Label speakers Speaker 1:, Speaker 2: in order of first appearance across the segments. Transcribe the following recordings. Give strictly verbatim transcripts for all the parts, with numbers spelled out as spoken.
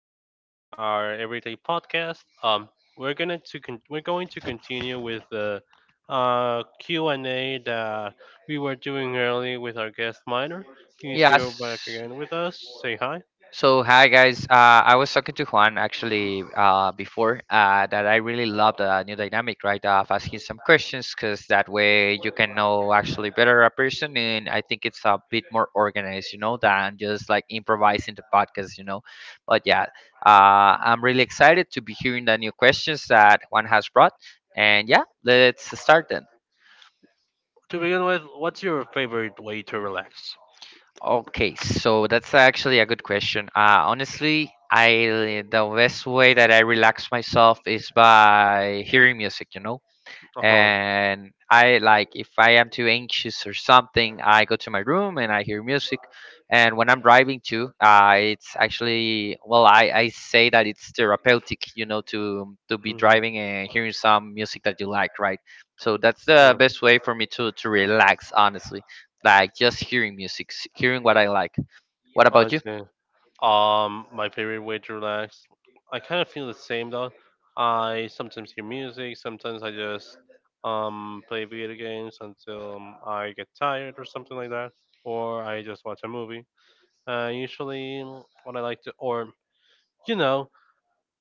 Speaker 1: out to our everyday podcast. Um, we're gonna to con- we're going to continue with the uh, Q and A that we were doing earlier with our guest Minor. He's
Speaker 2: Yeah.
Speaker 1: here back again with us. Say hi.
Speaker 2: So hi guys. Uh, I was talking to Juan actually uh, before uh, that I really love the new dynamic, right? Of asking some questions because that way you can know actually better a person, and I think it's a bit more organized, you know, than just like improvising the podcast, you know. But yeah, uh, I'm really excited to be hearing the new questions that Juan has brought, and yeah, let's start then.
Speaker 1: To begin with, what's your favorite way to relax?
Speaker 2: Okay, so that's actually a good question. Uh, honestly, I the best way that I relax myself is by hearing music, you know.
Speaker 1: Uh huh.
Speaker 2: And I like, if I am too anxious or something, I go to my room and I hear music. And when I'm driving too, uh, it's actually, well, I, I say that it's therapeutic, you know, to to be
Speaker 1: Hmm.
Speaker 2: driving and hearing some music that you like, right? So that's the best way for me to to relax, honestly. Like just hearing music, s- hearing what I like. What
Speaker 1: Oh, I
Speaker 2: about you?
Speaker 1: see. Um, my favorite way to relax. I kind of feel the same though. I sometimes hear music. Sometimes I just um play video games until um, I get tired or something like that, or I just watch a movie. Uh, usually, mm, what I like to, or you know,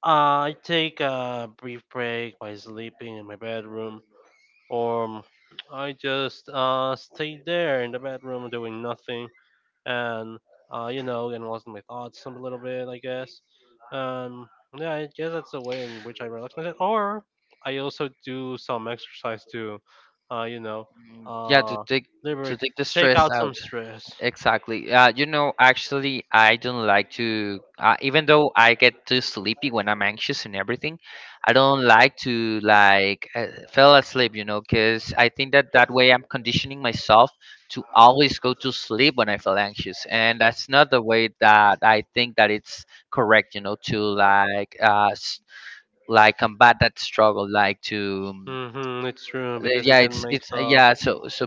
Speaker 1: I take a brief break by sleeping in my bedroom, or mm, I just uh stay there in the bedroom doing nothing and uh, you know, and lost my thoughts a little bit, I guess. Um, yeah, I guess that's the way in which I relax myself. Or I also do some exercise to, uh, you know,
Speaker 2: Yeah, to
Speaker 1: uh,
Speaker 2: take,
Speaker 1: liberate,
Speaker 2: to take the
Speaker 1: take
Speaker 2: stress
Speaker 1: out some
Speaker 2: out.
Speaker 1: stress.
Speaker 2: Exactly. Uh, you know, actually, I don't like to, uh, even though I get too sleepy when I'm anxious and everything, I don't like to like, uh, fell asleep, you know, because I think that that way I'm conditioning myself to always go to sleep when I feel anxious. And that's not the way that I think that it's correct, you know, to like, uh, s- like combat that struggle, like to um,
Speaker 1: Mm-hmm, it's true
Speaker 2: the-
Speaker 1: because it
Speaker 2: yeah,
Speaker 1: can
Speaker 2: it's
Speaker 1: make
Speaker 2: it's uh,
Speaker 1: up
Speaker 2: yeah, so so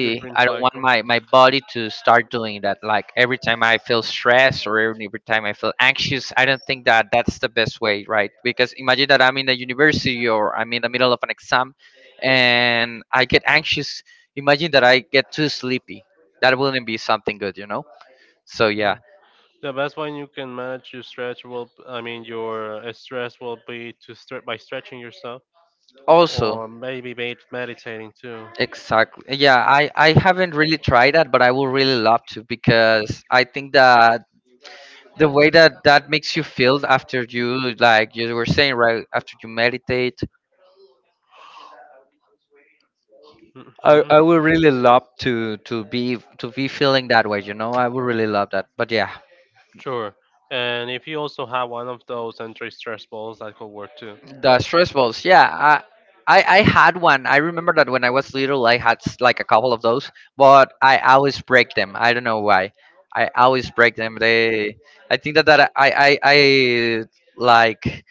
Speaker 1: your dream
Speaker 2: I don't want
Speaker 1: cycle.
Speaker 2: my my body to start doing that. Like every time I feel stressed or every time I feel anxious, I don't think that that's the best way, right? Because imagine that I'm in the university or I'm in the middle of an exam and I get anxious. Imagine that I get too sleepy. That wouldn't be something good, you know. So yeah,
Speaker 1: The best way you can manage your stretch will, I mean, your uh, stress will be to stretch by stretching yourself,
Speaker 2: also.
Speaker 1: or maybe med- meditating too.
Speaker 2: Exactly, yeah, i i haven't really tried that, but I would really love to, because I think that the way that that makes you feel after you, like you were saying, right, after you meditate, i
Speaker 1: Hmm.
Speaker 2: i would really love to to be, to be feeling that way, you know. I would really love that. But yeah,
Speaker 1: Sure. And if you also have one of those anti-stress balls, that could work too.
Speaker 2: the stress balls. Yeah, i I, I had one. I remember that when I was little, I had s- like a couple of those, but I always break them. I don't know why. I always break them. They, I think that, that I, I, I like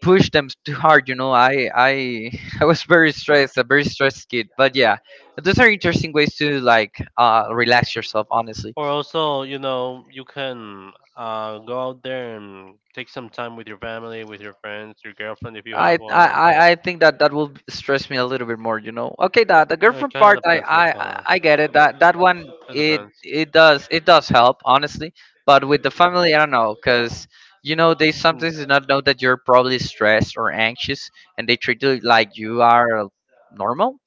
Speaker 2: push them too hard, you know. I i I was very stressed, a very stressed kid. But yeah, those are interesting ways to like, uh relax yourself, honestly.
Speaker 1: Or also, you know, you can uh, go out there and take some time with your family, with your friends, your girlfriend if you
Speaker 2: i
Speaker 1: have
Speaker 2: i
Speaker 1: one.
Speaker 2: i I think that that will stress me a little bit more, you know. Okay, that the
Speaker 1: It
Speaker 2: girlfriend
Speaker 1: kind of
Speaker 2: part, i
Speaker 1: depends
Speaker 2: i
Speaker 1: on the
Speaker 2: i I
Speaker 1: time.
Speaker 2: get it. That that one,
Speaker 1: It
Speaker 2: it
Speaker 1: depends.
Speaker 2: it does, it does help, honestly. But with the family, I don't know, because, you know, they
Speaker 1: Hmm.
Speaker 2: sometimes do not know that you're probably stressed or anxious, and they treat you like you are normal.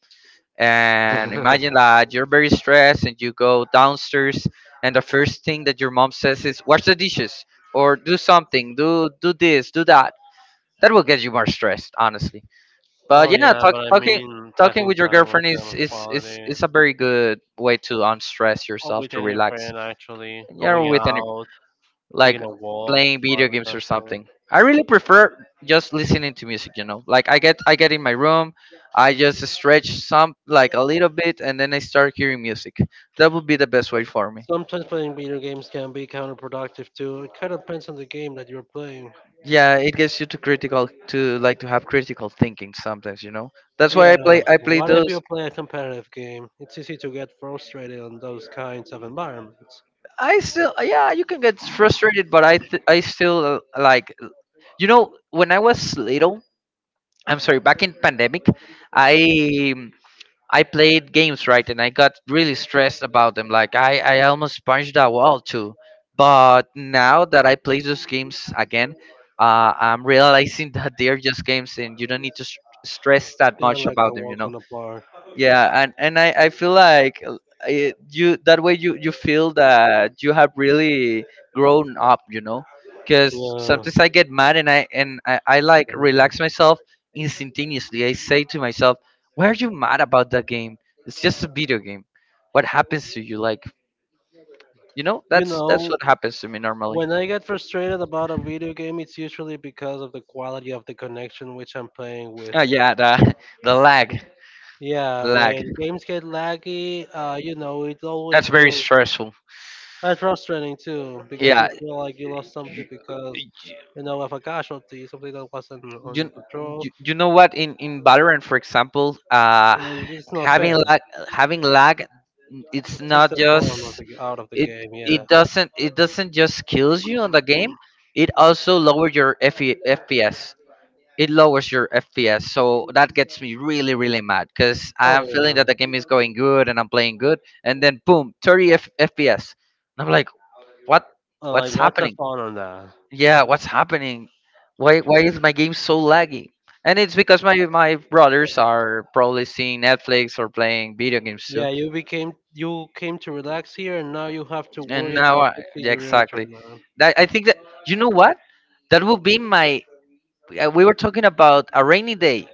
Speaker 2: And imagine that you're very stressed and you go downstairs and the first thing that your mom says is, wash the dishes, or do something, do do this, do that. That will get you more stressed, honestly. But
Speaker 1: Oh
Speaker 2: yeah,
Speaker 1: yeah,
Speaker 2: talk,
Speaker 1: but I
Speaker 2: talking,
Speaker 1: mean
Speaker 2: talking
Speaker 1: passing
Speaker 2: with your
Speaker 1: time with
Speaker 2: girlfriend
Speaker 1: them
Speaker 2: is
Speaker 1: of
Speaker 2: is is
Speaker 1: quality.
Speaker 2: is a very good way to unstress
Speaker 1: Or
Speaker 2: yourself,
Speaker 1: with
Speaker 2: to
Speaker 1: any
Speaker 2: relax.
Speaker 1: friend actually.
Speaker 2: And yeah,
Speaker 1: Going
Speaker 2: with any
Speaker 1: out,
Speaker 2: like
Speaker 1: taking a walk,
Speaker 2: playing
Speaker 1: to
Speaker 2: video
Speaker 1: park or
Speaker 2: games or
Speaker 1: something.
Speaker 2: something. I really prefer just listening to music, you know. Like I get I get in my room, I just stretch some, like a little bit, and then I start hearing music. That would be the best way for me.
Speaker 1: Sometimes playing video games can be counterproductive too. It kind of depends on the game that you're playing.
Speaker 2: Yeah, it gets you to critical, to like to have critical thinking sometimes, you know. That's why I
Speaker 1: Yeah,
Speaker 2: play I play
Speaker 1: what if you
Speaker 2: those.
Speaker 1: play a competitive game? It's easy to get frustrated on those kinds of environments.
Speaker 2: I still, yeah, you can get frustrated, but I th- I still, uh, like, you know, when I was little, I'm sorry, back in pandemic, I I played games, right, and I got really stressed about them. Like, I, I almost punched a wall too. But now that I play those games again, uh, I'm realizing that they're just games, and you don't need to s stress that
Speaker 1: They're
Speaker 2: much
Speaker 1: like a
Speaker 2: about them. You
Speaker 1: walk
Speaker 2: know,
Speaker 1: on the floor.
Speaker 2: yeah, and and i i feel like, uh, it, you, that way you you feel that you have really grown up, you know. Because
Speaker 1: Yeah.
Speaker 2: sometimes I get mad, and i and I, I like relax
Speaker 1: Okay.
Speaker 2: myself instantaneously. I say to myself, why are you mad about that game? It's just a video game. What happens to you? Like, you know,
Speaker 1: You
Speaker 2: that's that's
Speaker 1: know,
Speaker 2: what happens to me normally.
Speaker 1: when I get frustrated about a video game, it's usually because of the quality of the connection which I'm playing with.
Speaker 2: Oh yeah, the the lag.
Speaker 1: Yeah,
Speaker 2: Lag,
Speaker 1: when games get laggy, uh, you know, it always
Speaker 2: that's very
Speaker 1: feels
Speaker 2: stressful.
Speaker 1: uh, frustrating too because
Speaker 2: Yeah,
Speaker 1: you feel like you lost something because you know of a casualty, something that wasn't on your
Speaker 2: you,
Speaker 1: control,
Speaker 2: you you know what, in in Valorant, for example, uh
Speaker 1: and it's not fair.
Speaker 2: having lag, having lag
Speaker 1: It
Speaker 2: it's
Speaker 1: takes
Speaker 2: not
Speaker 1: the fun of
Speaker 2: just,
Speaker 1: the, g- out of the
Speaker 2: it,
Speaker 1: game. Yeah.
Speaker 2: it doesn't it doesn't just kills you on the game, it also lowers your FE, fps. It lowers your fps, so that gets me really, really mad, because
Speaker 1: Oh
Speaker 2: I'm feeling
Speaker 1: yeah.
Speaker 2: that the game is going good and I'm playing good, and then boom, thirty F- fps, and I'm like, what?
Speaker 1: I'm like,
Speaker 2: What's
Speaker 1: what's the
Speaker 2: happening?
Speaker 1: fun on that?
Speaker 2: Yeah, what's happening? Why why is my game so laggy? And it's because my my brothers are probably seeing Netflix or playing video games too.
Speaker 1: Yeah, you became you came to relax here, and now you have to
Speaker 2: And
Speaker 1: worry
Speaker 2: now,
Speaker 1: about
Speaker 2: I,
Speaker 1: fixing
Speaker 2: yeah,
Speaker 1: your
Speaker 2: exactly.
Speaker 1: internet.
Speaker 2: That, I think that, you know what, that will be my, uh, we were talking about a rainy day,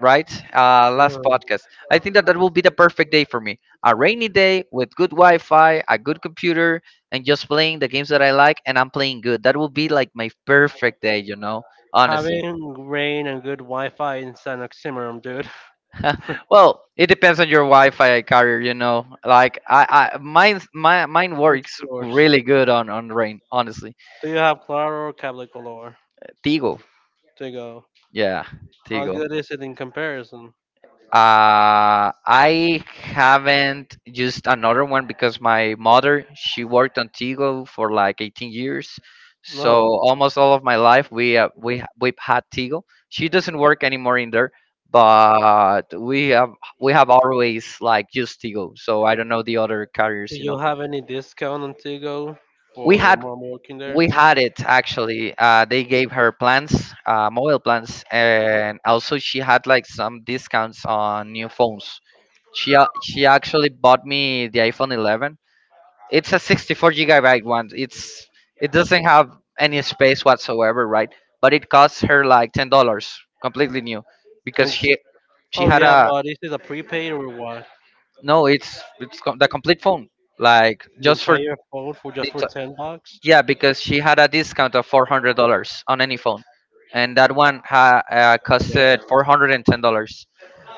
Speaker 2: right? Uh last
Speaker 1: Yeah.
Speaker 2: podcast. I think that that will be the perfect day for me. A rainy day with good Wi-Fi, a good computer, and just playing the games that I like and I'm playing good. That will be like my perfect day, you know, honestly.
Speaker 1: Having rain and good Wi-Fi is an oxymoron, dude.
Speaker 2: Well, it depends on your Wi-Fi carrier, you know. Like, I, I mine, my, mine
Speaker 1: What's
Speaker 2: works
Speaker 1: yours?
Speaker 2: really good on on rain, honestly.
Speaker 1: Do you have Claro or Cable Color?
Speaker 2: Tigo,
Speaker 1: Tigo.
Speaker 2: yeah,
Speaker 1: How
Speaker 2: Tigo.
Speaker 1: good is it in comparison?
Speaker 2: Uh, I haven't used another one because my mother, she worked on Tigo for like eighteen years, so
Speaker 1: No.
Speaker 2: almost all of my life, we, uh, we ha- we've had Tigo. She doesn't work anymore in there, but we have we have always like used Tigo. So I don't know the other
Speaker 1: Do
Speaker 2: carriers, you
Speaker 1: you
Speaker 2: know.
Speaker 1: have any discount on Tigo
Speaker 2: We
Speaker 1: for your
Speaker 2: had,
Speaker 1: mom working there?
Speaker 2: we had it, actually. Uh, they gave her plans, uh, mobile plans, and also she had like some discounts on new phones. She a- she actually bought me the iPhone eleven. It's a sixty-four gigabyte one. It's it doesn't have any space whatsoever, right? But it costs her like ten dollars, completely new. Because
Speaker 1: And it's
Speaker 2: she
Speaker 1: like,
Speaker 2: she
Speaker 1: oh
Speaker 2: had
Speaker 1: yeah,
Speaker 2: a,
Speaker 1: but this is a prepaid or what?
Speaker 2: no, it's it's co- the complete phone, like
Speaker 1: The
Speaker 2: just for,
Speaker 1: entire phone for just for ten bucks?
Speaker 2: yeah, because she had a discount of four hundred dollars on any phone, and that one ha- uh, costed
Speaker 1: Damn.
Speaker 2: four hundred and ten dollars.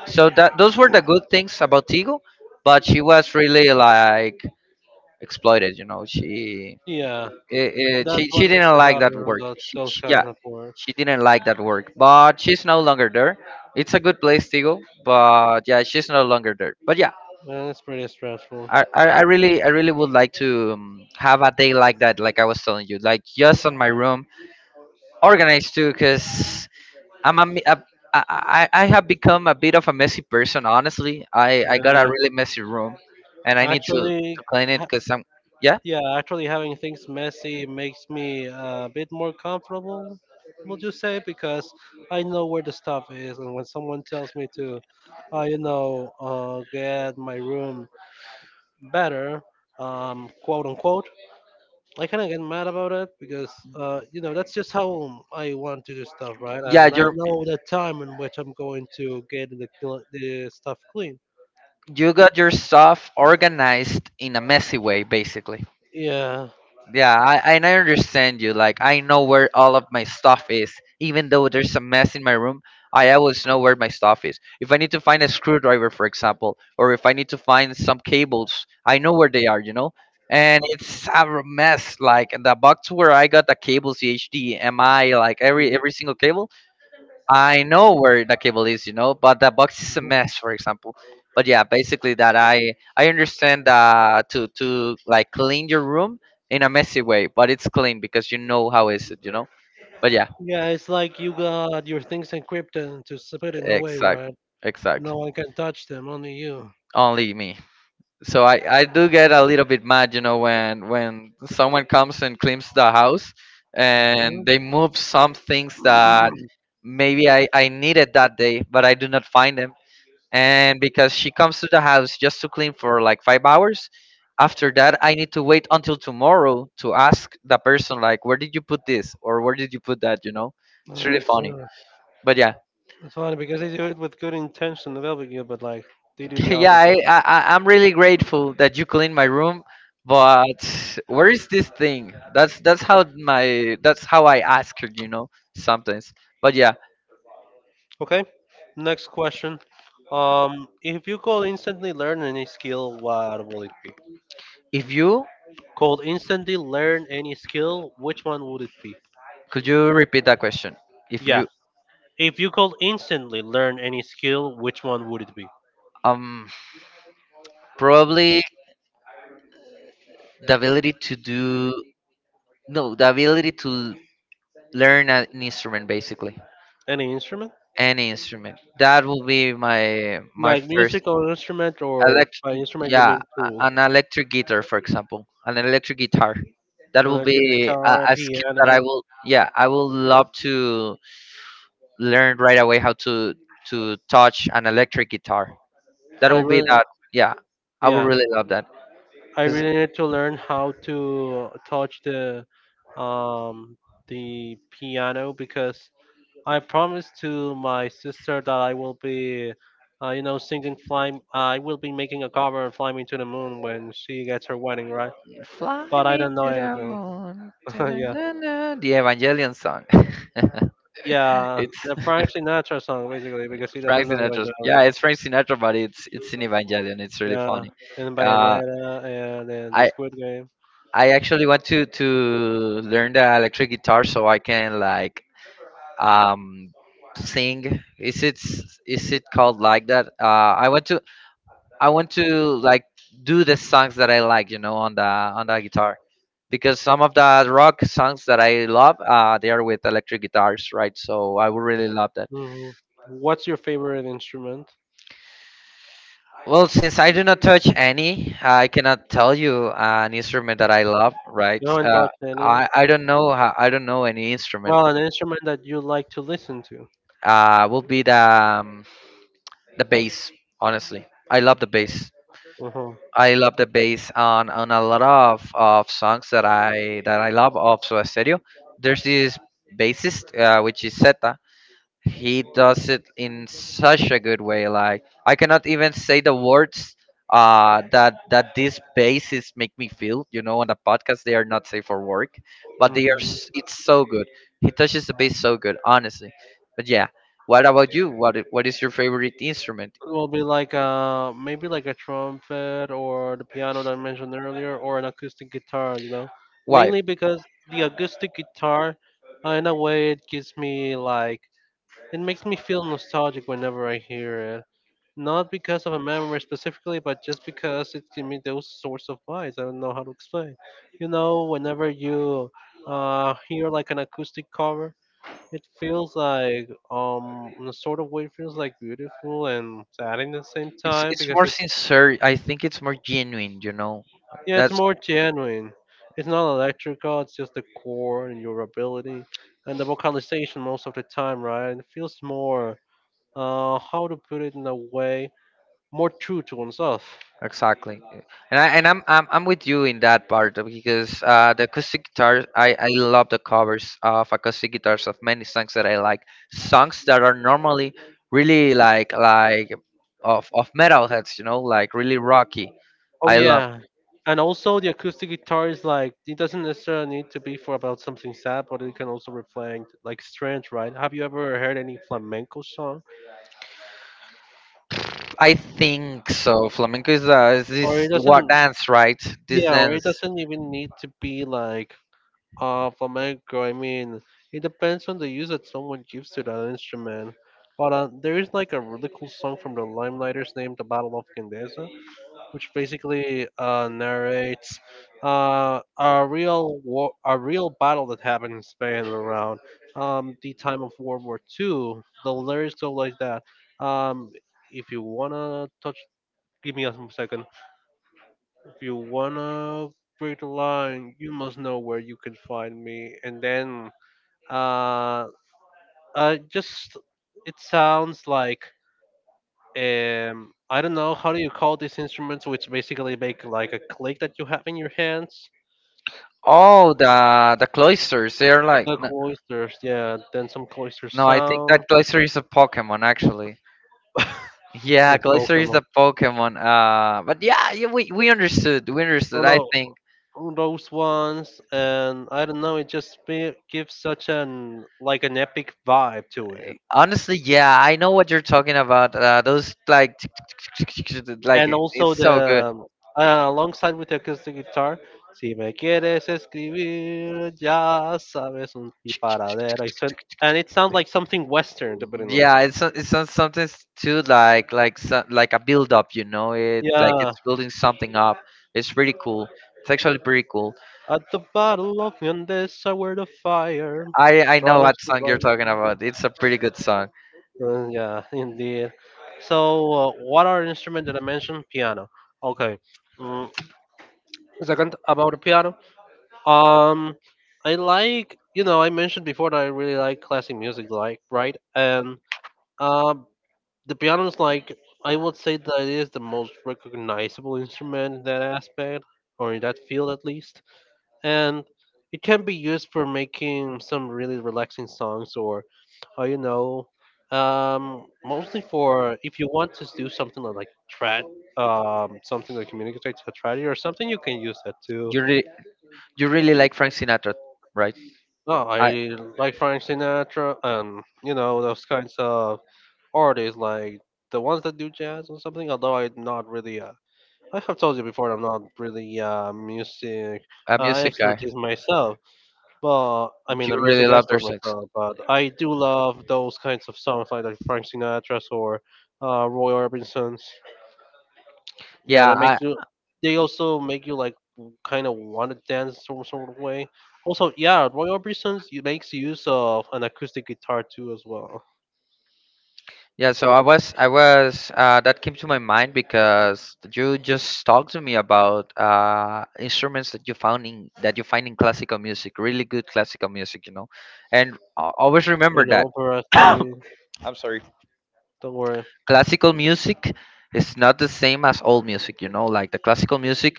Speaker 2: So that, those were the good things about Tigo, but she was really like exploited. You know, she
Speaker 1: Yeah,
Speaker 2: it, it,
Speaker 1: that's
Speaker 2: she, she
Speaker 1: what used
Speaker 2: didn't
Speaker 1: to
Speaker 2: like
Speaker 1: happen
Speaker 2: that
Speaker 1: on
Speaker 2: work.
Speaker 1: those,
Speaker 2: She,
Speaker 1: those
Speaker 2: she, yeah,
Speaker 1: kinds of work.
Speaker 2: she didn't like that work, but she's no longer there. It's a good place, Tigo, but yeah, she's no longer there. But yeah,
Speaker 1: And it's pretty stressful.
Speaker 2: I, I I really, I really would like to, um, have a day like that, like I was telling you, like just on my room, organized too. Because I'm a, me- a- I, I I have become a bit of a messy person. Honestly, I I got a
Speaker 1: Yeah,
Speaker 2: really messy room, and I need to
Speaker 1: actually,
Speaker 2: to clean it
Speaker 1: ha-
Speaker 2: because I'm, yeah.
Speaker 1: yeah, actually having things messy makes me a bit more comfortable. Would you say because I know where the stuff is, and when someone tells me to, uh, you know, uh, get my room better, um, quote unquote. I kind of get mad about it because, uh, you know, that's just how I want to do stuff, right?
Speaker 2: Yeah,
Speaker 1: And I
Speaker 2: you're,
Speaker 1: know the time in which I'm going to get the, cl- the stuff clean.
Speaker 2: you got your stuff organized in a messy way, basically.
Speaker 1: Yeah.
Speaker 2: Yeah, I, and I understand you. Like, I know where all of my stuff is. Even though there's a mess in my room, I always know where my stuff is. If I need to find a screwdriver, for example, or if I need to find some cables, I know where they are, you know? And it's a mess. Like, the box where I got the cables, the H D M I, like every every single cable, I know where the cable is, you know, but the box is a
Speaker 1: Mhm.
Speaker 2: mess, for example. But yeah, basically that, I I understand, uh to to like clean your room in a messy way, but it's clean because you know how is it, you know. But yeah,
Speaker 1: Yeah, it's like you got your things encrypted and to s- put it away,
Speaker 2: exactly,
Speaker 1: right? No
Speaker 2: exactly.
Speaker 1: one can touch them, only you.
Speaker 2: Only me. So I I do get a little bit mad, you know, when when someone comes and cleans the house and they move some things that
Speaker 1: Mhm.
Speaker 2: maybe I I needed that day, but I do not find them, and because she comes to the house just to clean for like five hours. After that, I need to wait until tomorrow to ask the person like, where did you put this, or where did you put that, you know? It's really
Speaker 1: That's,
Speaker 2: funny,
Speaker 1: uh,
Speaker 2: but yeah.
Speaker 1: that's funny because they do it with good intention, the Velvet but like they do the
Speaker 2: Yeah, I,
Speaker 1: opposite.
Speaker 2: I I- I'm really grateful that you clean my room, but where is this thing? That's that's how my that's how I ask her, you know, sometimes, but yeah.
Speaker 1: Okay. Next question. Um, if you could instantly learn any skill, what would it be?
Speaker 2: If you
Speaker 1: Could instantly learn any skill, which one would it be?
Speaker 2: could you repeat that question? If
Speaker 1: Yeah.
Speaker 2: you,
Speaker 1: If you could instantly learn any skill, which one would it be?
Speaker 2: um probably the ability to do. No, the ability to learn an instrument, basically,
Speaker 1: Any instrument?
Speaker 2: any instrument. That will be my my
Speaker 1: Like
Speaker 2: first
Speaker 1: music or instrument, or by
Speaker 2: electric.
Speaker 1: instrument you
Speaker 2: Yeah,
Speaker 1: mean tool?
Speaker 2: a- an electric guitar, for example, an electric guitar. That will
Speaker 1: Electric
Speaker 2: be a,
Speaker 1: guitar,
Speaker 2: a skill that I
Speaker 1: piano.
Speaker 2: will. Yeah, I will love to learn right away how to to touch an electric guitar. That
Speaker 1: I
Speaker 2: will be
Speaker 1: really,
Speaker 2: that. Yeah, I would
Speaker 1: yeah.
Speaker 2: really love that.
Speaker 1: I
Speaker 2: Cause
Speaker 1: really need to learn how to touch the um the piano because I promised to my sister that I will be uh, you know singing fly I will be making a cover of fly me to the moon when she gets her wedding right
Speaker 2: fly
Speaker 1: but I
Speaker 2: me
Speaker 1: don't know
Speaker 2: to the
Speaker 1: anything.
Speaker 2: moon,
Speaker 1: Yeah.
Speaker 2: da-da-da-da, the Evangelion song.
Speaker 1: Yeah,
Speaker 2: It's
Speaker 1: the Frank Sinatra song basically because he doesn't
Speaker 2: Frank
Speaker 1: know
Speaker 2: Sinatra. Yeah,
Speaker 1: Evangelion.
Speaker 2: it's Frank Sinatra, but it's it's in Evangelion. It's really
Speaker 1: Yeah,
Speaker 2: funny.
Speaker 1: and
Speaker 2: Uh,
Speaker 1: Bayonetta, and, and the
Speaker 2: I
Speaker 1: Squid Game.
Speaker 2: I actually want to to learn the electric guitar so I can like um sing. Is it s- is it called like that? Uh, I want to I want to Like, do the songs that I like, you know, on the on the guitar. Because some of the rock songs that I love, uh, they are with electric guitars, right? So I would really love that.
Speaker 1: Hmm. What's your favorite instrument?
Speaker 2: Well, since I do not touch any, I cannot tell you uh, an instrument that I love. Right?
Speaker 1: You haven't
Speaker 2: Uh,
Speaker 1: touched any.
Speaker 2: I I don't know. ho- I don't know any instrument.
Speaker 1: Well, an instrument that you like to listen to.
Speaker 2: Uh, will be the um, the bass. Honestly, I love the bass.
Speaker 1: Uh-huh.
Speaker 2: I love the bass on on a lot of, of songs that I that I love of Soda Stereo. There's this bassist, uh, which is Zeta. He does it in such a good way. Like, I cannot even say the words uh, that that these bases make me feel. You know, on the podcast they are not safe for work, but they are.
Speaker 1: Mhm.
Speaker 2: s- It's so good. He touches the bass so good, honestly. But yeah, what about you? What i- what is your favorite instrument?
Speaker 1: It will be like uh maybe like a trumpet or the piano that I mentioned earlier or an acoustic guitar, you know.
Speaker 2: Why?
Speaker 1: Mainly because the acoustic guitar, uh, in a way, it gives me like it makes me feel nostalgic whenever I hear it. Not because of a memory specifically, but just because it gives me those sorts of vibes. I don't know how to explain. You know, whenever you uh, hear like an acoustic cover, it feels like, um, in a sort of way, it feels like beautiful and sad in the same
Speaker 2: It's
Speaker 1: time
Speaker 2: it's
Speaker 1: because
Speaker 2: more
Speaker 1: it's,
Speaker 2: sincere. I think it's more genuine. You know,
Speaker 1: yeah, it's
Speaker 2: that's.
Speaker 1: more genuine. It's not electrical, it's just the chord and your ability and the vocalization most of the time, right? And it feels more uh, how to put it in a way more true to oneself.
Speaker 2: Exactly. Uh, and I and I'm I'm I'm with you in that part, uh, because uh, the acoustic guitars, I I love the covers of acoustic guitars of many songs that I like, songs that are normally really like like of of metalheads, you know, like really rocky.
Speaker 1: Oh
Speaker 2: I love.
Speaker 1: yeah, and also the acoustic guitar is like it doesn't necessarily need to be for about something sad, but it can also reflect like strength, right? Have you ever heard any flamenco song?
Speaker 2: I think so. Flamenco is, uh, is
Speaker 1: Or
Speaker 2: this
Speaker 1: it
Speaker 2: what
Speaker 1: doesn't,
Speaker 2: dance, right? This
Speaker 1: yeah, or it
Speaker 2: dance.
Speaker 1: doesn't even need to be like uh flamenco. I mean, it depends on the use that someone gives to that instrument. But uh, there is like a really cool song from the Limelighters named "The Battle of Gandesa," which basically uh, narrates uh, a real war, a real battle that happened in Spain around um, the time of World War Two. The lyrics go like that. Um, if you wanna touch, give me a second. If you wanna break the line, you must know where you can find me. And then, uh, uh, just it sounds like um I don't know how do you call these instruments which basically make like a click that you have in your hands.
Speaker 2: Oh, the the cloisters, they're like,
Speaker 1: The
Speaker 2: no,
Speaker 1: cloisters, yeah. Then some cloister
Speaker 2: no, I think
Speaker 1: sound.
Speaker 2: that cloister is a Pokemon actually.
Speaker 1: A
Speaker 2: Yeah, Glacier is
Speaker 1: Pokemon.
Speaker 2: the Pokemon. Uh, but yeah, yeah, we we understood. We
Speaker 1: Oh
Speaker 2: understood. I
Speaker 1: no,
Speaker 2: think
Speaker 1: those ones, and I don't know. It just be, gives such an like an epic vibe to it.
Speaker 2: honestly, yeah, I know what you're talking about. Uh, those like tick, tick, tick, tick, tick, tick, like
Speaker 1: And
Speaker 2: it-
Speaker 1: also
Speaker 2: it's so
Speaker 1: the
Speaker 2: good.
Speaker 1: um, uh, alongside with the acoustic guitar. Si me quieres escribir, ya sabes un disparadero. I said- And it sounds like something Western, depending on what.
Speaker 2: Yeah, it's so- it's so- something s- too like like so- like a build up. You know, it like
Speaker 1: Yeah,
Speaker 2: it's building something up. It's pretty cool. It's actually pretty cool.
Speaker 1: at the Battle of Yandesa, where the fire
Speaker 2: I I know
Speaker 1: tries
Speaker 2: what
Speaker 1: to
Speaker 2: song you're talking
Speaker 1: light.
Speaker 2: about. It's a pretty good song.
Speaker 1: Uh, yeah, indeed. So, uh, what are instrument that I mentioned? Piano. Okay. Mm, second about the piano. Um, I like you know I mentioned before that I really like classic music, like right? And um, the piano is like I would say that it is the most recognizable instrument in that aspect or in that field at least. And it can be used for making some really relaxing songs or uh, you know um, mostly for if you want to do something like trad um, something that communicates a tragedy or something you can use that too.
Speaker 2: You really you really like Frank Sinatra, right?
Speaker 1: Oh,
Speaker 2: I
Speaker 1: I like Frank Sinatra and you know those kinds of artists like the ones that do jazz or something, although I'm not really uh, I have told you before I'm not really uh, music
Speaker 2: a
Speaker 1: uh,
Speaker 2: music guy.
Speaker 1: expertise myself. But I
Speaker 2: Do
Speaker 1: mean, I'm
Speaker 2: you really
Speaker 1: music
Speaker 2: love their
Speaker 1: expert
Speaker 2: sex?
Speaker 1: myself, but I do love those kinds of songs like, like Frank Sinatra's or uh, Roy Orbison's. Yeah,
Speaker 2: Yeah,
Speaker 1: that
Speaker 2: I.
Speaker 1: make you. They also make you like kind of want to dance some sort of way. Also, yeah, Roy Orbison's he makes use of an acoustic guitar too as well.
Speaker 2: Yeah, so I was I was uh that came to my mind because you just talked to me about uh instruments that you found in that you find in classical music, really good classical music, you know. And I always
Speaker 1: You
Speaker 2: remember that
Speaker 1: know, for us too. Don't worry,
Speaker 2: classical music is not the same as old music, you know, like the classical music,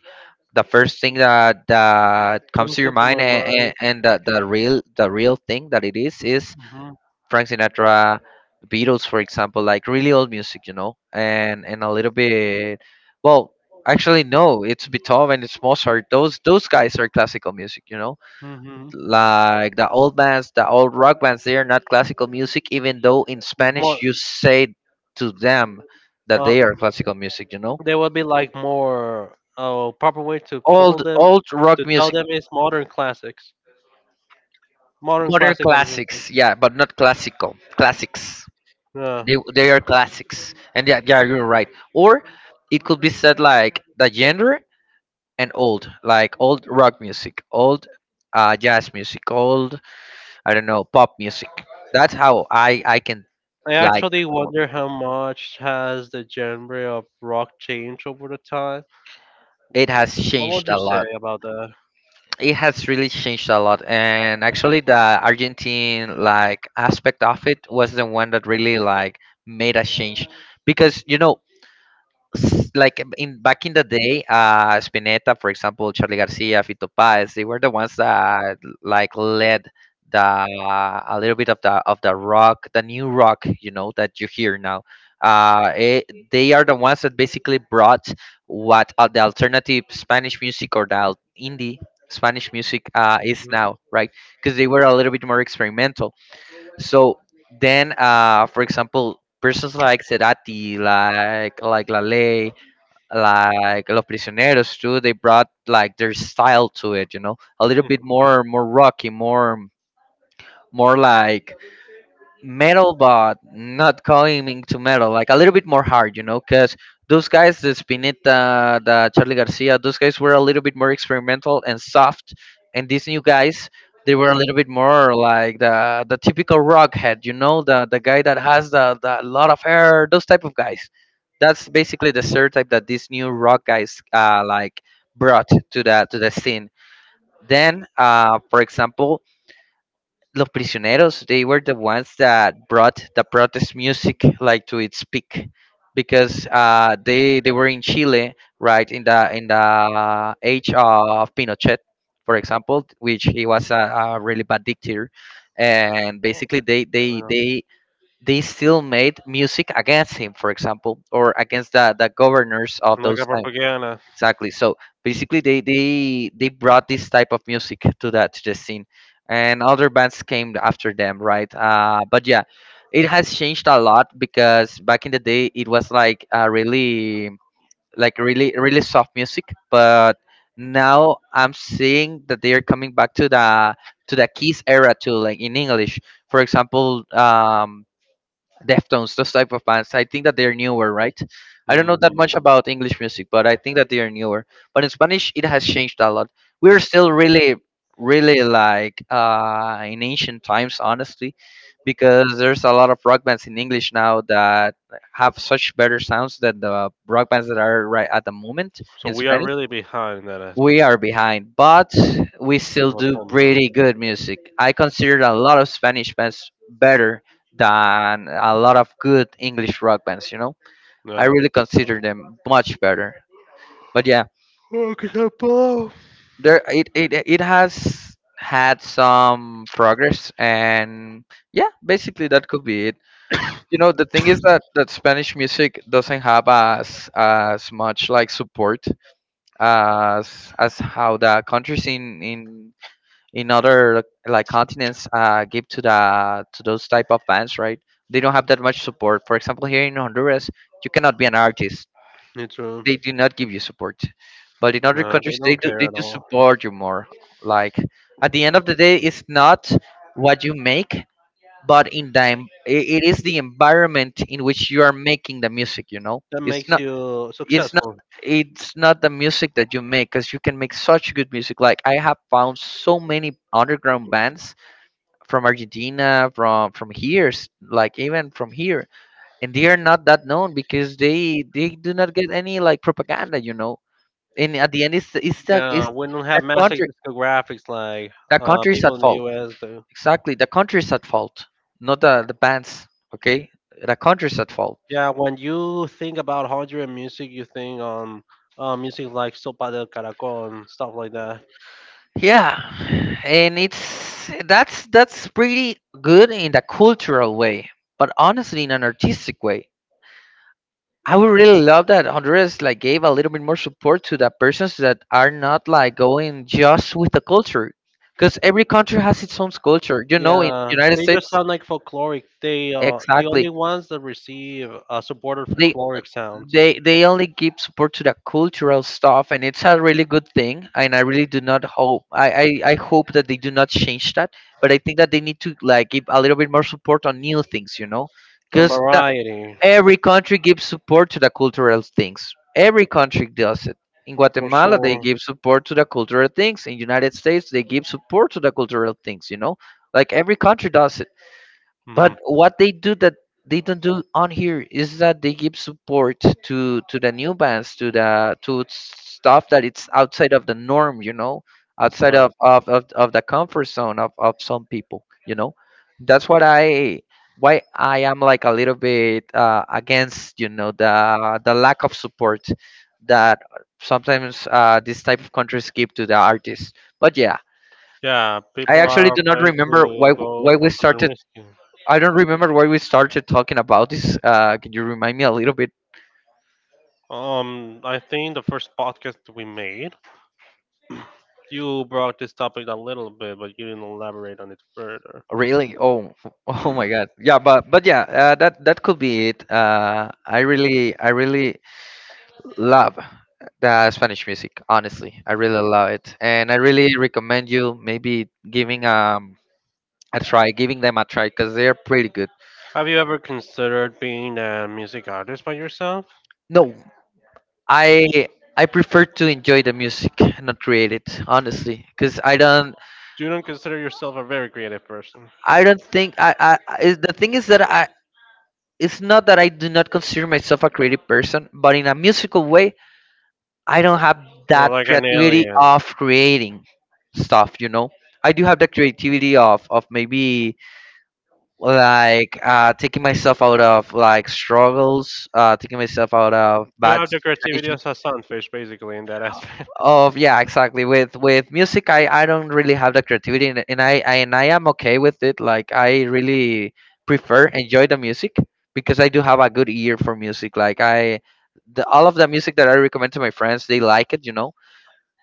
Speaker 2: the first thing that that comes
Speaker 1: comes
Speaker 2: to your
Speaker 1: into
Speaker 2: mind
Speaker 1: my
Speaker 2: and
Speaker 1: mind.
Speaker 2: and, and the, the real the real thing that it is is
Speaker 1: Mhm,
Speaker 2: Frank Sinatra, Beatles, for example, like really old music, you know, and and a little bit. Well, actually, no, it's Beethoven, it's Mozart. Those those guys are classical music, you know.
Speaker 1: mhm.
Speaker 2: Like the old bands, the old rock bands, they are not classical music, even though in Spanish
Speaker 1: More,
Speaker 2: you say to them that
Speaker 1: uh,
Speaker 2: they are classical music, you know.
Speaker 1: there would be like more uh, proper way to pull
Speaker 2: Old
Speaker 1: them
Speaker 2: old rock
Speaker 1: to tell
Speaker 2: music,
Speaker 1: them it's modern classics. Modern
Speaker 2: modern
Speaker 1: classic I'm thinking.
Speaker 2: classics, yeah, but not classical classics.
Speaker 1: Yeah.
Speaker 2: they they are classics and yeah, yeah, you're right. Or it could be said like the genre, and old, like old rock music, old uh, jazz music, old, I don't know, pop music, that's how i i can.
Speaker 1: I
Speaker 2: Like,
Speaker 1: actually wonder how much has the genre of rock changed over the time.
Speaker 2: it has
Speaker 1: What
Speaker 2: changed
Speaker 1: would you
Speaker 2: a
Speaker 1: say
Speaker 2: lot.
Speaker 1: about that?
Speaker 2: It has really changed a lot, and actually the Argentine like aspect of it was the one that really like made a change. Because, you know, s- like um, in back in the day, uh, Spinetta, for example, Charlie Garcia, Fito Páez, they were the ones that like led the a little bit of the of the rock, the new rock, you know, that you hear now. Uh, it, they are the ones that basically brought what, uh, the alternative Spanish music, or the al- indie Spanish music, uh, is
Speaker 1: Hmm.
Speaker 2: now, right? Because they were a little bit more experimental. So then, uh, for example, persons like Cerati, like like Lale, like Los Prisioneros too. They brought like their style to it, you know, a little bit more, more rocky, more, more like metal, but not going to metal, like a little bit more hard, you know, because those guys, the Spinetta, the Charlie Garcia, those guys were a little bit more experimental and soft, and these new guys, they were a little bit more like the the typical rock head, you know, the the guy that has the, the lot of hair, those type of guys. That's basically the stereotype that these new rock guys, uh, like brought to the to the scene. Then, uh, for example, Los Prisioneros, they were the ones that brought the protest music like to its peak, because uh, they they were in Chile, right, in the in the age of Pinochet, for example, which he was a, a really bad dictator, and basically they they
Speaker 1: Hmm.
Speaker 2: they they still made music against him, for example, or against the, the governors of
Speaker 1: Like
Speaker 2: those.
Speaker 1: a propaganda.
Speaker 2: Exactly. So basically, they they they brought this type of music to that to the scene, and other bands came after them, right? Uh, but yeah, it has changed a lot because back in the day, it was like, uh, really like really really soft music, but now I'm seeing that they are coming back to the to the Kiss era too, like in English. For example, um, Deftones, those type of bands. I think that they're newer, right? I don't know that
Speaker 1: Hmm.
Speaker 2: much about English music, but I think that they are newer. But in Spanish, it has changed a lot. We're still really, really like, uh, in ancient times, honestly, because there's a lot of rock bands in English now that have such better sounds than the rock bands that are right at the moment
Speaker 1: So
Speaker 2: in
Speaker 1: we are
Speaker 2: Spanish.
Speaker 1: really behind that aspect.
Speaker 2: We are behind, but we still
Speaker 1: Of
Speaker 2: do
Speaker 1: film, huh?
Speaker 2: pretty good music. I consider a lot of Spanish bands better than a lot of good English rock bands, you know? I
Speaker 1: Yeah.
Speaker 2: really consider them much better. But yeah,
Speaker 1: Oh, 'cause I'm poor.
Speaker 2: there it it, it has had some progress and yeah, basically that could be it. You know, the thing is that, that Spanish music doesn't have as as much like support as as how the countries in in in other like continents, uh, give to the to those type of bands, right? They don't have that much support. For example, here in Honduras, you cannot be an artist.
Speaker 1: Me too.
Speaker 2: They do not give you support, but in other
Speaker 1: Nah, they
Speaker 2: countries, they
Speaker 1: don't
Speaker 2: do
Speaker 1: care
Speaker 2: they
Speaker 1: at
Speaker 2: do
Speaker 1: all.
Speaker 2: support you more. Like, at the end of the day, it's not what you make, but in the, it is the environment in which you are making the music. You know,
Speaker 1: That
Speaker 2: it's
Speaker 1: makes
Speaker 2: not
Speaker 1: you
Speaker 2: it's not
Speaker 1: successful.
Speaker 2: it's not the music that you make, because you can make such good music. Like, I have found so many underground bands from Argentina, from from here, s- like even from here, and they are not that known because they they do not get any like propaganda, you know. And at the end, it's the- it's the it's
Speaker 1: Yeah, we don't
Speaker 2: the
Speaker 1: have massive
Speaker 2: country,
Speaker 1: discographics like
Speaker 2: the
Speaker 1: uh,
Speaker 2: country is
Speaker 1: people
Speaker 2: at
Speaker 1: in the
Speaker 2: fault.
Speaker 1: U S do.
Speaker 2: Exactly, the country is at fault, not the the bands. Okay, the country is at fault.
Speaker 1: Yeah, when you think about Honduran music, you think on uh, music like Sopa del Caracol and stuff like that.
Speaker 2: Yeah, and it's that's that's pretty good in the cultural way, but honestly, in an artistic way I would really love that Honduras like gave a little bit more support to the persons that are not like going just with the culture, because every country has its own culture. You know, in
Speaker 1: Yeah,
Speaker 2: United
Speaker 1: they
Speaker 2: States,
Speaker 1: just sound like folkloric. They are the
Speaker 2: exactly
Speaker 1: only ones that receive uh, supported
Speaker 2: they
Speaker 1: folkloric sounds
Speaker 2: they they only give support to the cultural stuff, and it's a really good thing. And I really do not hope I I, I hope that they do not change that, but I think that they need to like give a little bit more support on new things. You know,
Speaker 1: and
Speaker 2: because
Speaker 1: variety
Speaker 2: every country gives support to the cultural things. Every country does it. In
Speaker 1: for
Speaker 2: Guatemala, they
Speaker 1: sure.
Speaker 2: give support to the cultural things. In United States, they give support to the cultural things. You know, like every country does it.
Speaker 1: Mhm.
Speaker 2: But what they do that they don't do on here is that they give support to to the new bands, to the to stuff that it's outside of the norm, you know, outside
Speaker 1: Yeah,
Speaker 2: of of of, of the comfort zone of of some people, you know. That's what I Why I am like a little bit uh, against, you know, the the lack of support that sometimes uh, this type of countries give to the artists. But yeah,
Speaker 1: yeah,
Speaker 2: I
Speaker 1: people
Speaker 2: actually
Speaker 1: are
Speaker 2: do not
Speaker 1: afraid
Speaker 2: remember why
Speaker 1: to
Speaker 2: w-
Speaker 1: go
Speaker 2: why we
Speaker 1: for something
Speaker 2: started
Speaker 1: risky.
Speaker 2: I don't remember why we started talking about this. Uh, can you remind me a little bit?
Speaker 1: Um, I think the first podcast we made. You brought this topic a little bit, but you didn't elaborate on it further.
Speaker 2: Really? Oh, f- oh my God. Yeah, but but yeah, uh, that that could be it. Uh, I really I really love the Spanish music. Honestly, I really love it, and I really recommend you maybe giving um a try, giving them a try, because they're pretty good.
Speaker 1: Have you ever considered being a music artist by yourself?
Speaker 2: No, I I prefer to enjoy the music, not create it. Honestly, because I don't
Speaker 1: You don't consider yourself a very creative person.
Speaker 2: I don't think I, I I- is The thing is that I— it's not that I do not consider myself a creative person, but in a musical way, I don't have
Speaker 1: You're
Speaker 2: that
Speaker 1: like an
Speaker 2: creativity
Speaker 1: alien.
Speaker 2: of creating stuff, you know? I do have the creativity of, of maybe like uh, taking myself out of like struggles, uh, taking myself out of
Speaker 1: You
Speaker 2: bad
Speaker 1: have the creativity
Speaker 2: situations
Speaker 1: of a sunfish, basically, in that aspect.
Speaker 2: of, yeah, exactly. With with music, i i don't really have the creativity. And, and I, I and I am okay with it. Like, I really prefer enjoy the music, because I do have a good ear for music. Like i the, all of the music that I recommend to my friends, they like it, you know.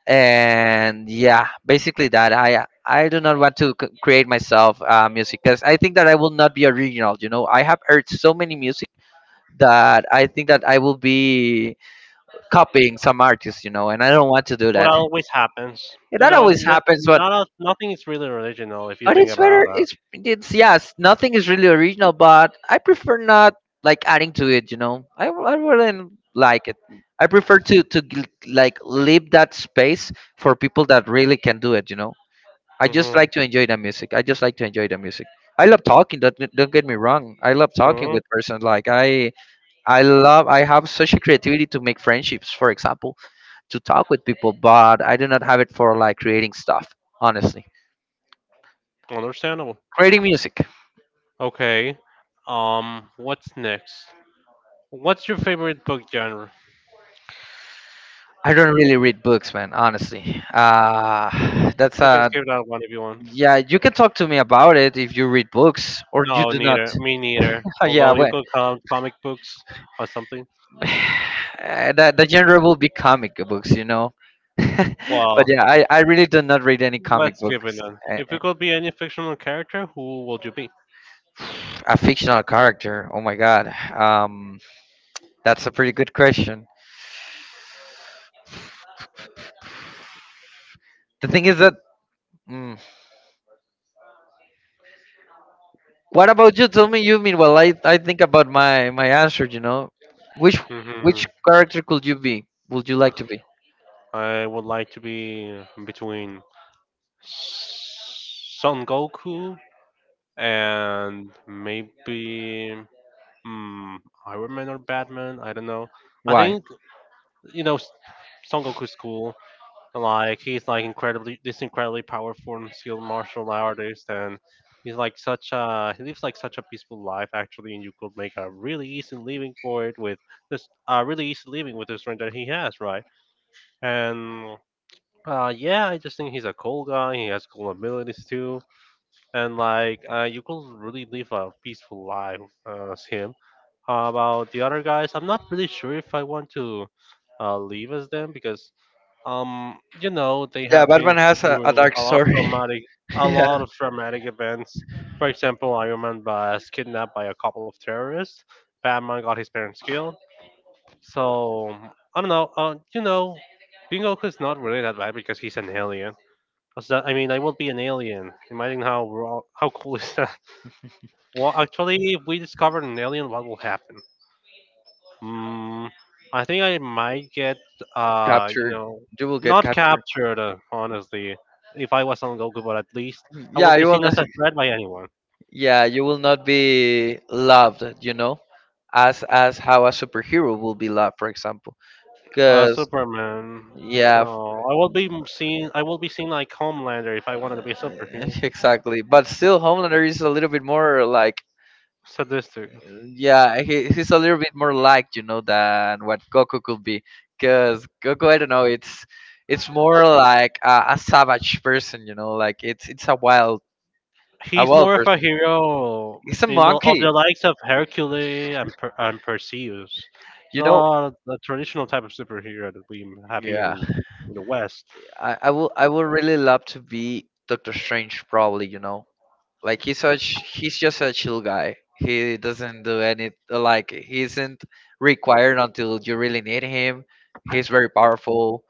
Speaker 2: And yeah, basically that i i do not want to c- create myself uh, music, because I think that I will not be original. You know, I have heard so many music that I think that I will be copying some artists, you know, and I don't want to do
Speaker 1: What
Speaker 2: that.
Speaker 1: always happens,
Speaker 2: Yeah,
Speaker 1: you
Speaker 2: that
Speaker 1: know,
Speaker 2: always
Speaker 1: n-
Speaker 2: happens, but—
Speaker 1: not a, nothing is really original if you
Speaker 2: but
Speaker 1: think
Speaker 2: it's
Speaker 1: about
Speaker 2: better. It's it's yes, nothing is really original, but I prefer not like adding to it. You know, I w- I wouldn't like it. I prefer to to g- like leave that space for people that really can do it. You know, I
Speaker 1: it.
Speaker 2: just
Speaker 1: Hmm.
Speaker 2: like to enjoy the music. I just like to enjoy the music. I love talking. Don't get- don't get me wrong. I love talking
Speaker 1: Hmm.
Speaker 2: with person. Like I I love. I have such a creativity to make friendships. For example, to talk with people, but I do not have it for like creating stuff. Honestly.
Speaker 1: Understandable.
Speaker 2: Creating music.
Speaker 1: Okay. Um, what's next? What's your favorite book genre?
Speaker 2: I don't really read books, man. Honestly, uh, that's
Speaker 1: We can
Speaker 2: a—
Speaker 1: skip that one if you want.
Speaker 2: yeah. You can talk to me about it if you read books or you
Speaker 1: No,
Speaker 2: do not.
Speaker 1: neither. Me neither.
Speaker 2: Yeah,
Speaker 1: Although you
Speaker 2: well,
Speaker 1: could count comic books or something.
Speaker 2: uh, that the genre will be comic books, you know. But
Speaker 1: Well,
Speaker 2: yeah, I, I really do not read any
Speaker 1: let's
Speaker 2: comic
Speaker 1: skip it
Speaker 2: books.
Speaker 1: then.
Speaker 2: Eh,
Speaker 1: If
Speaker 2: eh,
Speaker 1: you could be any fictional character, who would you be?
Speaker 2: A fictional character. Oh my god. Um, that's a pretty good question. The thing is that mm, what about you? Tell me, you mean. Well, I I think about my my answer. You know, which
Speaker 1: Hmm.
Speaker 2: which character could you be? Would you like to be?
Speaker 1: I would like to be between Son Goku and maybe mm, Iron Man or Batman. I don't know. I
Speaker 2: Why?
Speaker 1: think you know S- Son Goku's cool. And like he's like incredibly this incredibly powerful and skilled martial artist, and he's like such a he lives like such a peaceful life actually, and you could make a really easy living for it with this uh really easy living with the strength that he has, right? And uh yeah, I just think he's a cool guy, he has cool abilities too. And like uh you could really live a peaceful life uh, as him. Uh, about the other guys, I'm not really sure if I want to uh, leave as them because um, you know, they
Speaker 2: Yeah,
Speaker 1: have been
Speaker 2: Batman has a, a
Speaker 1: through
Speaker 2: dark
Speaker 1: a lot of
Speaker 2: story.
Speaker 1: traumatic, a
Speaker 2: Yeah,
Speaker 1: lot of traumatic events. For example, Iron Man was kidnapped by a couple of terrorists. Batman got his parents killed. So I don't know. Uh, you know, Bingoku is not really that bad because he's an alien. What's that- I mean, I will be an alien. Imagine how raw, how cool is that? Well, actually, if we discovered an alien, what will happen? Mm, I think I might get, uh, you
Speaker 2: captured.
Speaker 1: know,
Speaker 2: You will get
Speaker 1: not
Speaker 2: captured.
Speaker 1: captured, uh, honestly. If I was on Goku, but at least I would
Speaker 2: Yeah,
Speaker 1: be
Speaker 2: you will
Speaker 1: seen as
Speaker 2: not.
Speaker 1: a threat by anyone.
Speaker 2: Yeah, you will not be loved. You know, as as how a superhero will be loved, for example.
Speaker 1: Uh,
Speaker 2: Because
Speaker 1: Superman.
Speaker 2: yeah,
Speaker 1: No, I will be seen. I will be seen like Homelander if I wanted to be a superhero.
Speaker 2: f- exactly. But still, Homelander is a little bit more like—
Speaker 1: Sadistic.
Speaker 2: yeah, he, he's a little bit more like you know than what Goku could be, because Goku, I don't know, it's it's more like a, a savage person, you know, like it's it's a wild— a
Speaker 1: He's
Speaker 2: wild
Speaker 1: more of a
Speaker 2: person.
Speaker 1: hero
Speaker 2: He's a
Speaker 1: in the of
Speaker 2: monkey,
Speaker 1: the likes of Hercules and per, and Perseus,
Speaker 2: you know.
Speaker 1: not the traditional type of superhero that we have here
Speaker 2: Yeah,
Speaker 1: in, in the West.
Speaker 2: I, I will I will really love to be Doctor Strange, probably, you know, like he's such— he's just a chill guy. He doesn't do any like he isn't required until you really need him. He's very powerful,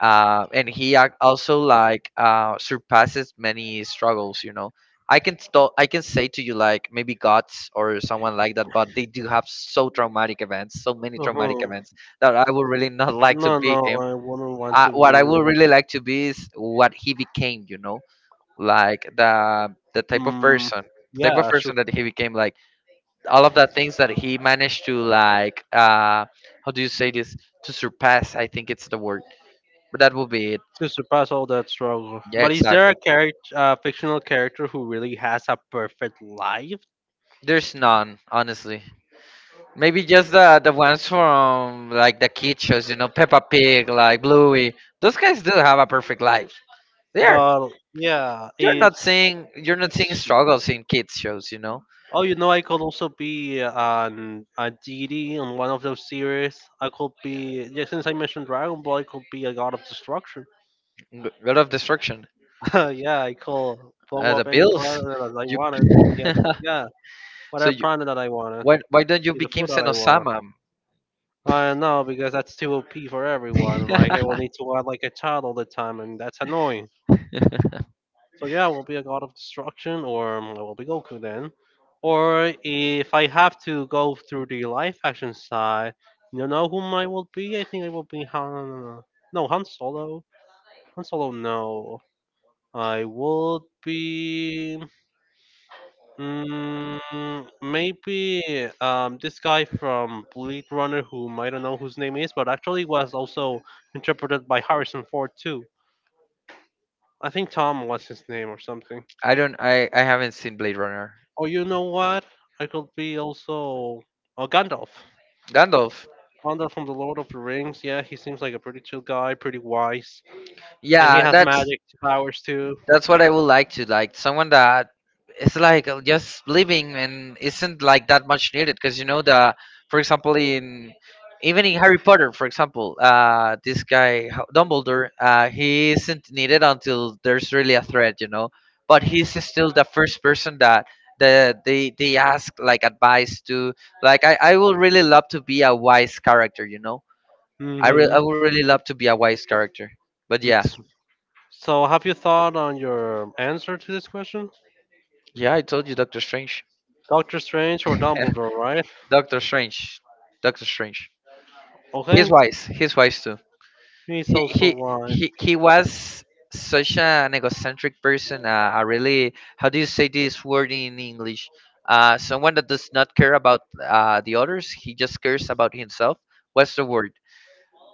Speaker 2: uh, and he ac- also like uh, surpasses many struggles. You know, I can st- I can say to you like maybe gods or someone like that, but they do have so traumatic events, so many traumatic
Speaker 1: Uh-huh.
Speaker 2: events that I would really not like to
Speaker 1: No,
Speaker 2: be
Speaker 1: no,
Speaker 2: him.
Speaker 1: I wouldn't want
Speaker 2: Uh,
Speaker 1: to do
Speaker 2: what I would
Speaker 1: that.
Speaker 2: really like to be is what he became. You know, like the the type of
Speaker 1: Mm,
Speaker 2: person. The type of
Speaker 1: yeah,
Speaker 2: person
Speaker 1: sure.
Speaker 2: that he became, like all of the things that he managed to like, uh, how do you say this? To surpass, I think it's the word. But that will be it.
Speaker 1: To surpass all that struggle.
Speaker 2: Yeah,
Speaker 1: But is there a
Speaker 2: exactly.
Speaker 1: character, uh, fictional character who really has a perfect life?
Speaker 2: There's none, honestly. Maybe just the the ones from like the kid shows, you know, Peppa Pig, like Bluey. Those guys do have a perfect life. They are.
Speaker 1: But yeah,
Speaker 2: You're
Speaker 1: if
Speaker 2: not seeing. You're not seeing struggles in kids shows, you know.
Speaker 1: Oh, you know, I could also be an a deity on one of those series. I could be yeah, since I mentioned Dragon Ball, I could be a god of destruction.
Speaker 2: G- God of Destruction,
Speaker 1: Yeah, I call blow
Speaker 2: uh, the
Speaker 1: up any
Speaker 2: Bills.
Speaker 1: planet that I
Speaker 2: You.
Speaker 1: wanted. Yeah, yeah,
Speaker 2: So
Speaker 1: whatever
Speaker 2: you.
Speaker 1: planet that I wanted,
Speaker 2: Why, why don't you
Speaker 1: the
Speaker 2: become
Speaker 1: food that I want.
Speaker 2: Senosama?
Speaker 1: I know because that's too O P for everyone. Like I will need to act like a child all the time, and that's annoying. So yeah, I will be a god of destruction, or um, I will be Goku then. Or if I have to go through the live action side, you know whom I will be? I think I will be Han. No, Han Solo. Han Solo. No, I would be. Mm, maybe um, this guy from Blade Runner, whom I don't know whose name is, but actually was also interpreted by Harrison Ford too. I think Tom was his name or something.
Speaker 2: I don't. I, I haven't seen Blade Runner.
Speaker 1: Oh, you know what? I could be also oh Gandalf.
Speaker 2: Gandalf.
Speaker 1: Gandalf from the Lord of the Rings. Yeah, he seems like a pretty chill guy, pretty wise, and he
Speaker 2: Yeah,
Speaker 1: has
Speaker 2: that's—
Speaker 1: magic powers too.
Speaker 2: that's what I would like to, like someone that is like uh, just living and isn't like that much needed because you know the— for example in— even in Harry Potter for example, uh this guy H- Dumbledore, uh he isn't needed until there's really a threat, you know, but he's still the first person that the they they ask like advice to. Like, I I would really love to be a wise character, you know. I re- I
Speaker 1: Hmm.
Speaker 2: would really love to be a wise character, but yeah.
Speaker 1: So, have you thought on your answer to this question?
Speaker 2: Yeah, I told you Doctor Strange.
Speaker 1: Doctor Strange or Dumbledore, right?
Speaker 2: Doctor Strange. Doctor Strange. He's
Speaker 1: Okay.
Speaker 2: wise. He's wise too.
Speaker 1: He's
Speaker 2: He he
Speaker 1: also wise.
Speaker 2: he, he was such an egocentric person. Uh, a really how do you say this word in English? Uh, someone that does not care about uh, the others. He just cares about himself. What's the word?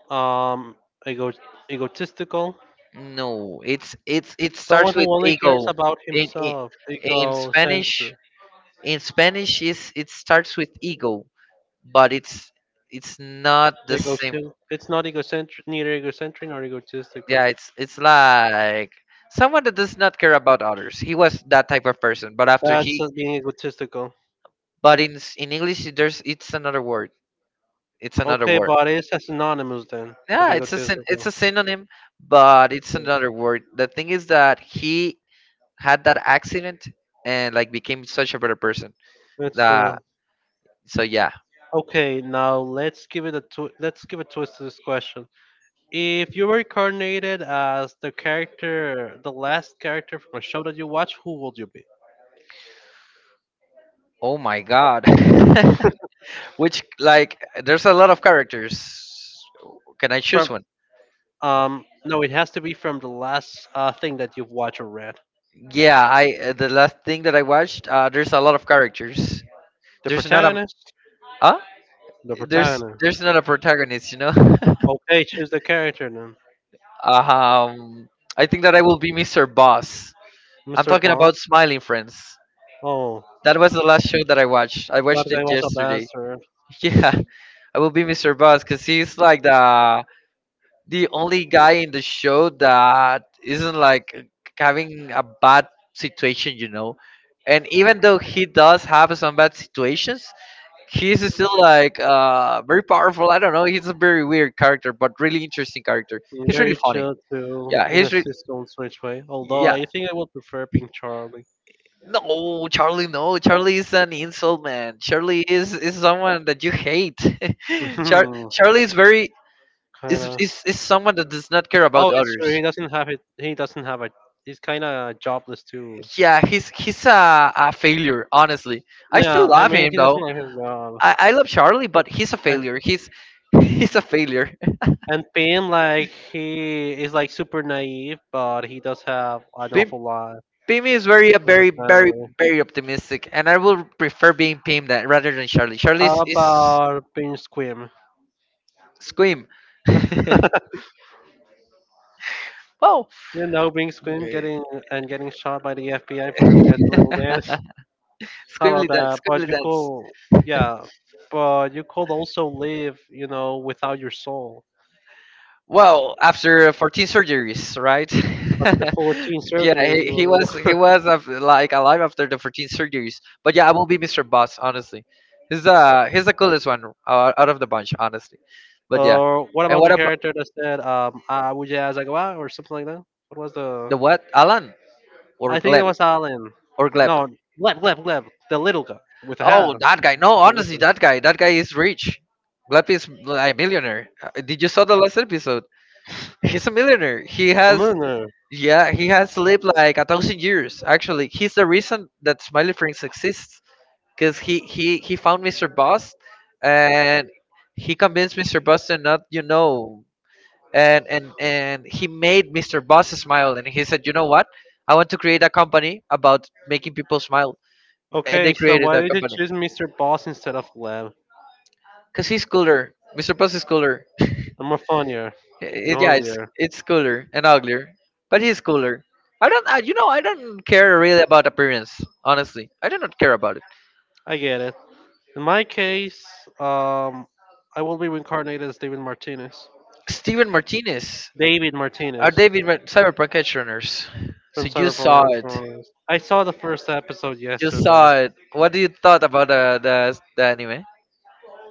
Speaker 1: Um, ego- Egotistical.
Speaker 2: No, it's it's it
Speaker 1: Someone
Speaker 2: starts with
Speaker 1: who only cares
Speaker 2: ego.
Speaker 1: about
Speaker 2: In in,
Speaker 1: himself.
Speaker 2: in Spanish,
Speaker 1: Egocentric.
Speaker 2: in Spanish is it starts with ego, but it's it's not the same.
Speaker 1: Egocentric. It's not egocentric, neither egocentric nor egotistical.
Speaker 2: Yeah, it's it's like someone that does not care about others. He was that type of person, but after
Speaker 1: That's
Speaker 2: he—
Speaker 1: uh, being egotistical.
Speaker 2: but in s- in English, there's— it's another word. It's another
Speaker 1: Okay,
Speaker 2: word.
Speaker 1: but it's a synonymous then of
Speaker 2: Yeah, it's a syn it's
Speaker 1: egotistical.
Speaker 2: a synonym, but it's another word. The thing is that he had that accident and like became such a better person.
Speaker 1: It's
Speaker 2: That,
Speaker 1: true.
Speaker 2: so yeah.
Speaker 1: Okay, now let's give it a twi- let's give a twist to this question. If you were incarnated as the character, the last character from a show that you watch, who would you be?
Speaker 2: Oh my God. Which like there's a lot of characters. Can I choose
Speaker 1: From
Speaker 2: one?
Speaker 1: um, no, it has to be from the last uh, thing that you've watched or read.
Speaker 2: Yeah, I uh, the last thing that I watched, uh, there's a lot of characters.
Speaker 1: The
Speaker 2: There's not a
Speaker 1: protagonist,
Speaker 2: uh,
Speaker 1: the
Speaker 2: there's
Speaker 1: protagonist.
Speaker 2: there's not a protagonist, you know.
Speaker 1: Okay, choose the character then.
Speaker 2: Um, I think that I will be mister Boss. I'm
Speaker 1: mister
Speaker 2: talking about
Speaker 1: Boss.
Speaker 2: Smiling Friends.
Speaker 1: Oh,
Speaker 2: That was the last show that I watched. I
Speaker 1: that
Speaker 2: watched it
Speaker 1: guy was a
Speaker 2: yesterday.
Speaker 1: bastard.
Speaker 2: Yeah, I will be mister Boss because he's like the the only guy in the show that isn't like uh, having a bad situation, you know. And even though he does have some bad situations, he's still like uh very powerful. I don't know. He's a very weird character, but really interesting character. He's really
Speaker 1: Very
Speaker 2: funny.
Speaker 1: chill too,
Speaker 2: Yeah,
Speaker 1: in a
Speaker 2: he's re-
Speaker 1: system switch way. Although
Speaker 2: yeah.
Speaker 1: I think I would prefer being Charlie.
Speaker 2: No, Charlie. No, Charlie is an insult man. Charlie is— is someone that you hate. Char-
Speaker 1: Mhm.
Speaker 2: Charlie is very— is,
Speaker 1: Kinda.
Speaker 2: is is someone that does not care about
Speaker 1: Oh, it's true.
Speaker 2: others.
Speaker 1: He doesn't have it. He doesn't have a. He's kind of jobless too.
Speaker 2: Yeah, he's he's a, a failure. Honestly, I still
Speaker 1: Yeah, I
Speaker 2: love
Speaker 1: mean,
Speaker 2: him
Speaker 1: he doesn't
Speaker 2: though.
Speaker 1: like his job,
Speaker 2: I, I love Charlie, but he's a
Speaker 1: and
Speaker 2: failure. He's he's a failure.
Speaker 1: and Pim like he is like super naive, but he does have an
Speaker 2: Being
Speaker 1: awful lot
Speaker 2: Pim is very,
Speaker 1: with
Speaker 2: very,
Speaker 1: his
Speaker 2: very,
Speaker 1: family.
Speaker 2: very optimistic, and I will prefer being Pim that rather than Charlie. Charlie
Speaker 1: How
Speaker 2: is, is
Speaker 1: about Bing Squim?
Speaker 2: Squim. Wow,
Speaker 1: You know, Bing Squim getting and getting shot by the F B I for doing a little dance. How about
Speaker 2: Squimly dance,
Speaker 1: that? But
Speaker 2: squimly
Speaker 1: you
Speaker 2: dance.
Speaker 1: could, yeah, but you could also live, you know, without your soul.
Speaker 2: Well, after fourteen surgeries, right?
Speaker 1: After fourteen
Speaker 2: Yeah,
Speaker 1: surgeries,
Speaker 2: he,
Speaker 1: you
Speaker 2: he
Speaker 1: will.
Speaker 2: was he was uh, like alive after the fourteen surgeries. But yeah, I won't be mister Boss, honestly. He's uh he's the coolest one, uh, out of the bunch, honestly. But yeah,
Speaker 1: Or what
Speaker 2: and
Speaker 1: about
Speaker 2: what
Speaker 1: the
Speaker 2: about
Speaker 1: character that said, um, I would as I or something like that? What was the.
Speaker 2: the what, Alan or
Speaker 1: I think it
Speaker 2: Gleb
Speaker 1: was Alan.
Speaker 2: or Gleb?
Speaker 1: No, Gleb, Gleb, Gleb. The little guy with the hat.
Speaker 2: Oh, that guy. No,
Speaker 1: The
Speaker 2: honestly,
Speaker 1: whisper guy.
Speaker 2: that guy. That guy is rich. Lappy is like a millionaire. Uh, Did you saw the last episode? He's a millionaire. He has—
Speaker 1: Murder.
Speaker 2: yeah, he has lived like a thousand years. Actually, he's the reason that Smiley Friends exists because he he he found mister Boss, and he convinced mister Boss to not, you know, and and and he made mister Boss smile, and he said, you know what? I want to create a company about making people smile, and
Speaker 1: Okay,
Speaker 2: they
Speaker 1: so
Speaker 2: created
Speaker 1: why
Speaker 2: that
Speaker 1: did you
Speaker 2: company.
Speaker 1: choose mister Boss instead of Gleb?
Speaker 2: Cause he's cooler. mister Puss is cooler.
Speaker 1: I'm more funnier and
Speaker 2: It, yeah, it's
Speaker 1: uglier.
Speaker 2: it's cooler and uglier, but he's cooler. I don't, I, you know, I don't care really about appearance. Honestly, I do not care about it.
Speaker 1: I get it. In my case, um, I will be reincarnated as David Martinez.
Speaker 2: Steven Martinez,
Speaker 1: David
Speaker 2: our
Speaker 1: Martinez
Speaker 2: David Mar-, Cyberpunk edge runners.
Speaker 1: from
Speaker 2: So you saw
Speaker 1: Cyberpunk.
Speaker 2: it.
Speaker 1: Edgerunners. I saw the first episode
Speaker 2: You
Speaker 1: yesterday.
Speaker 2: saw it. What do you thought about the the, the anime?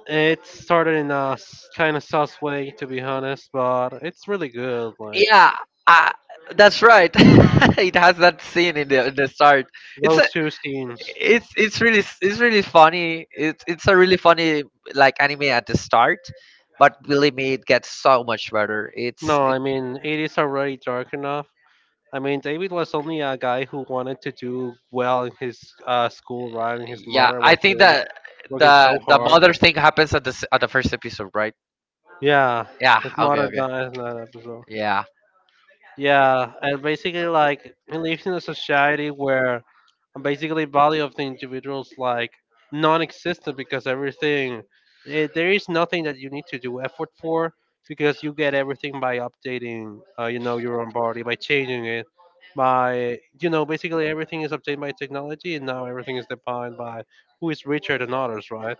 Speaker 1: It started in a kind of sus way, to be honest, but it's really good. Like
Speaker 2: Yeah, uh, that's right. It has that scene in the in the start. It's a,
Speaker 1: those two scenes.
Speaker 2: it's it's really it's really funny. It's it's a really funny like anime at the start, but believe me, it gets so much better. It's
Speaker 1: No, I mean it is already dark enough. I mean David was only a guy who wanted to do well in his uh, school, right? And his
Speaker 2: yeah.
Speaker 1: mother
Speaker 2: I
Speaker 1: was
Speaker 2: think
Speaker 1: doing,
Speaker 2: that
Speaker 1: working so
Speaker 2: the the
Speaker 1: hard.
Speaker 2: mother thing happens at the s- at the first episode, right?
Speaker 1: Yeah,
Speaker 2: Yeah.
Speaker 1: it's
Speaker 2: Okay.
Speaker 1: mother
Speaker 2: Okay.
Speaker 1: dies in that episode.
Speaker 2: Yeah.
Speaker 1: Yeah, and basically, like, he lives in a society where basically value of the individuals like non-existent because everything eh, there is nothing that you need to do effort for because you get everything by updating uh, you know your own body by changing it by you know basically everything is updated by technology and now everything is defined by who is richer than others right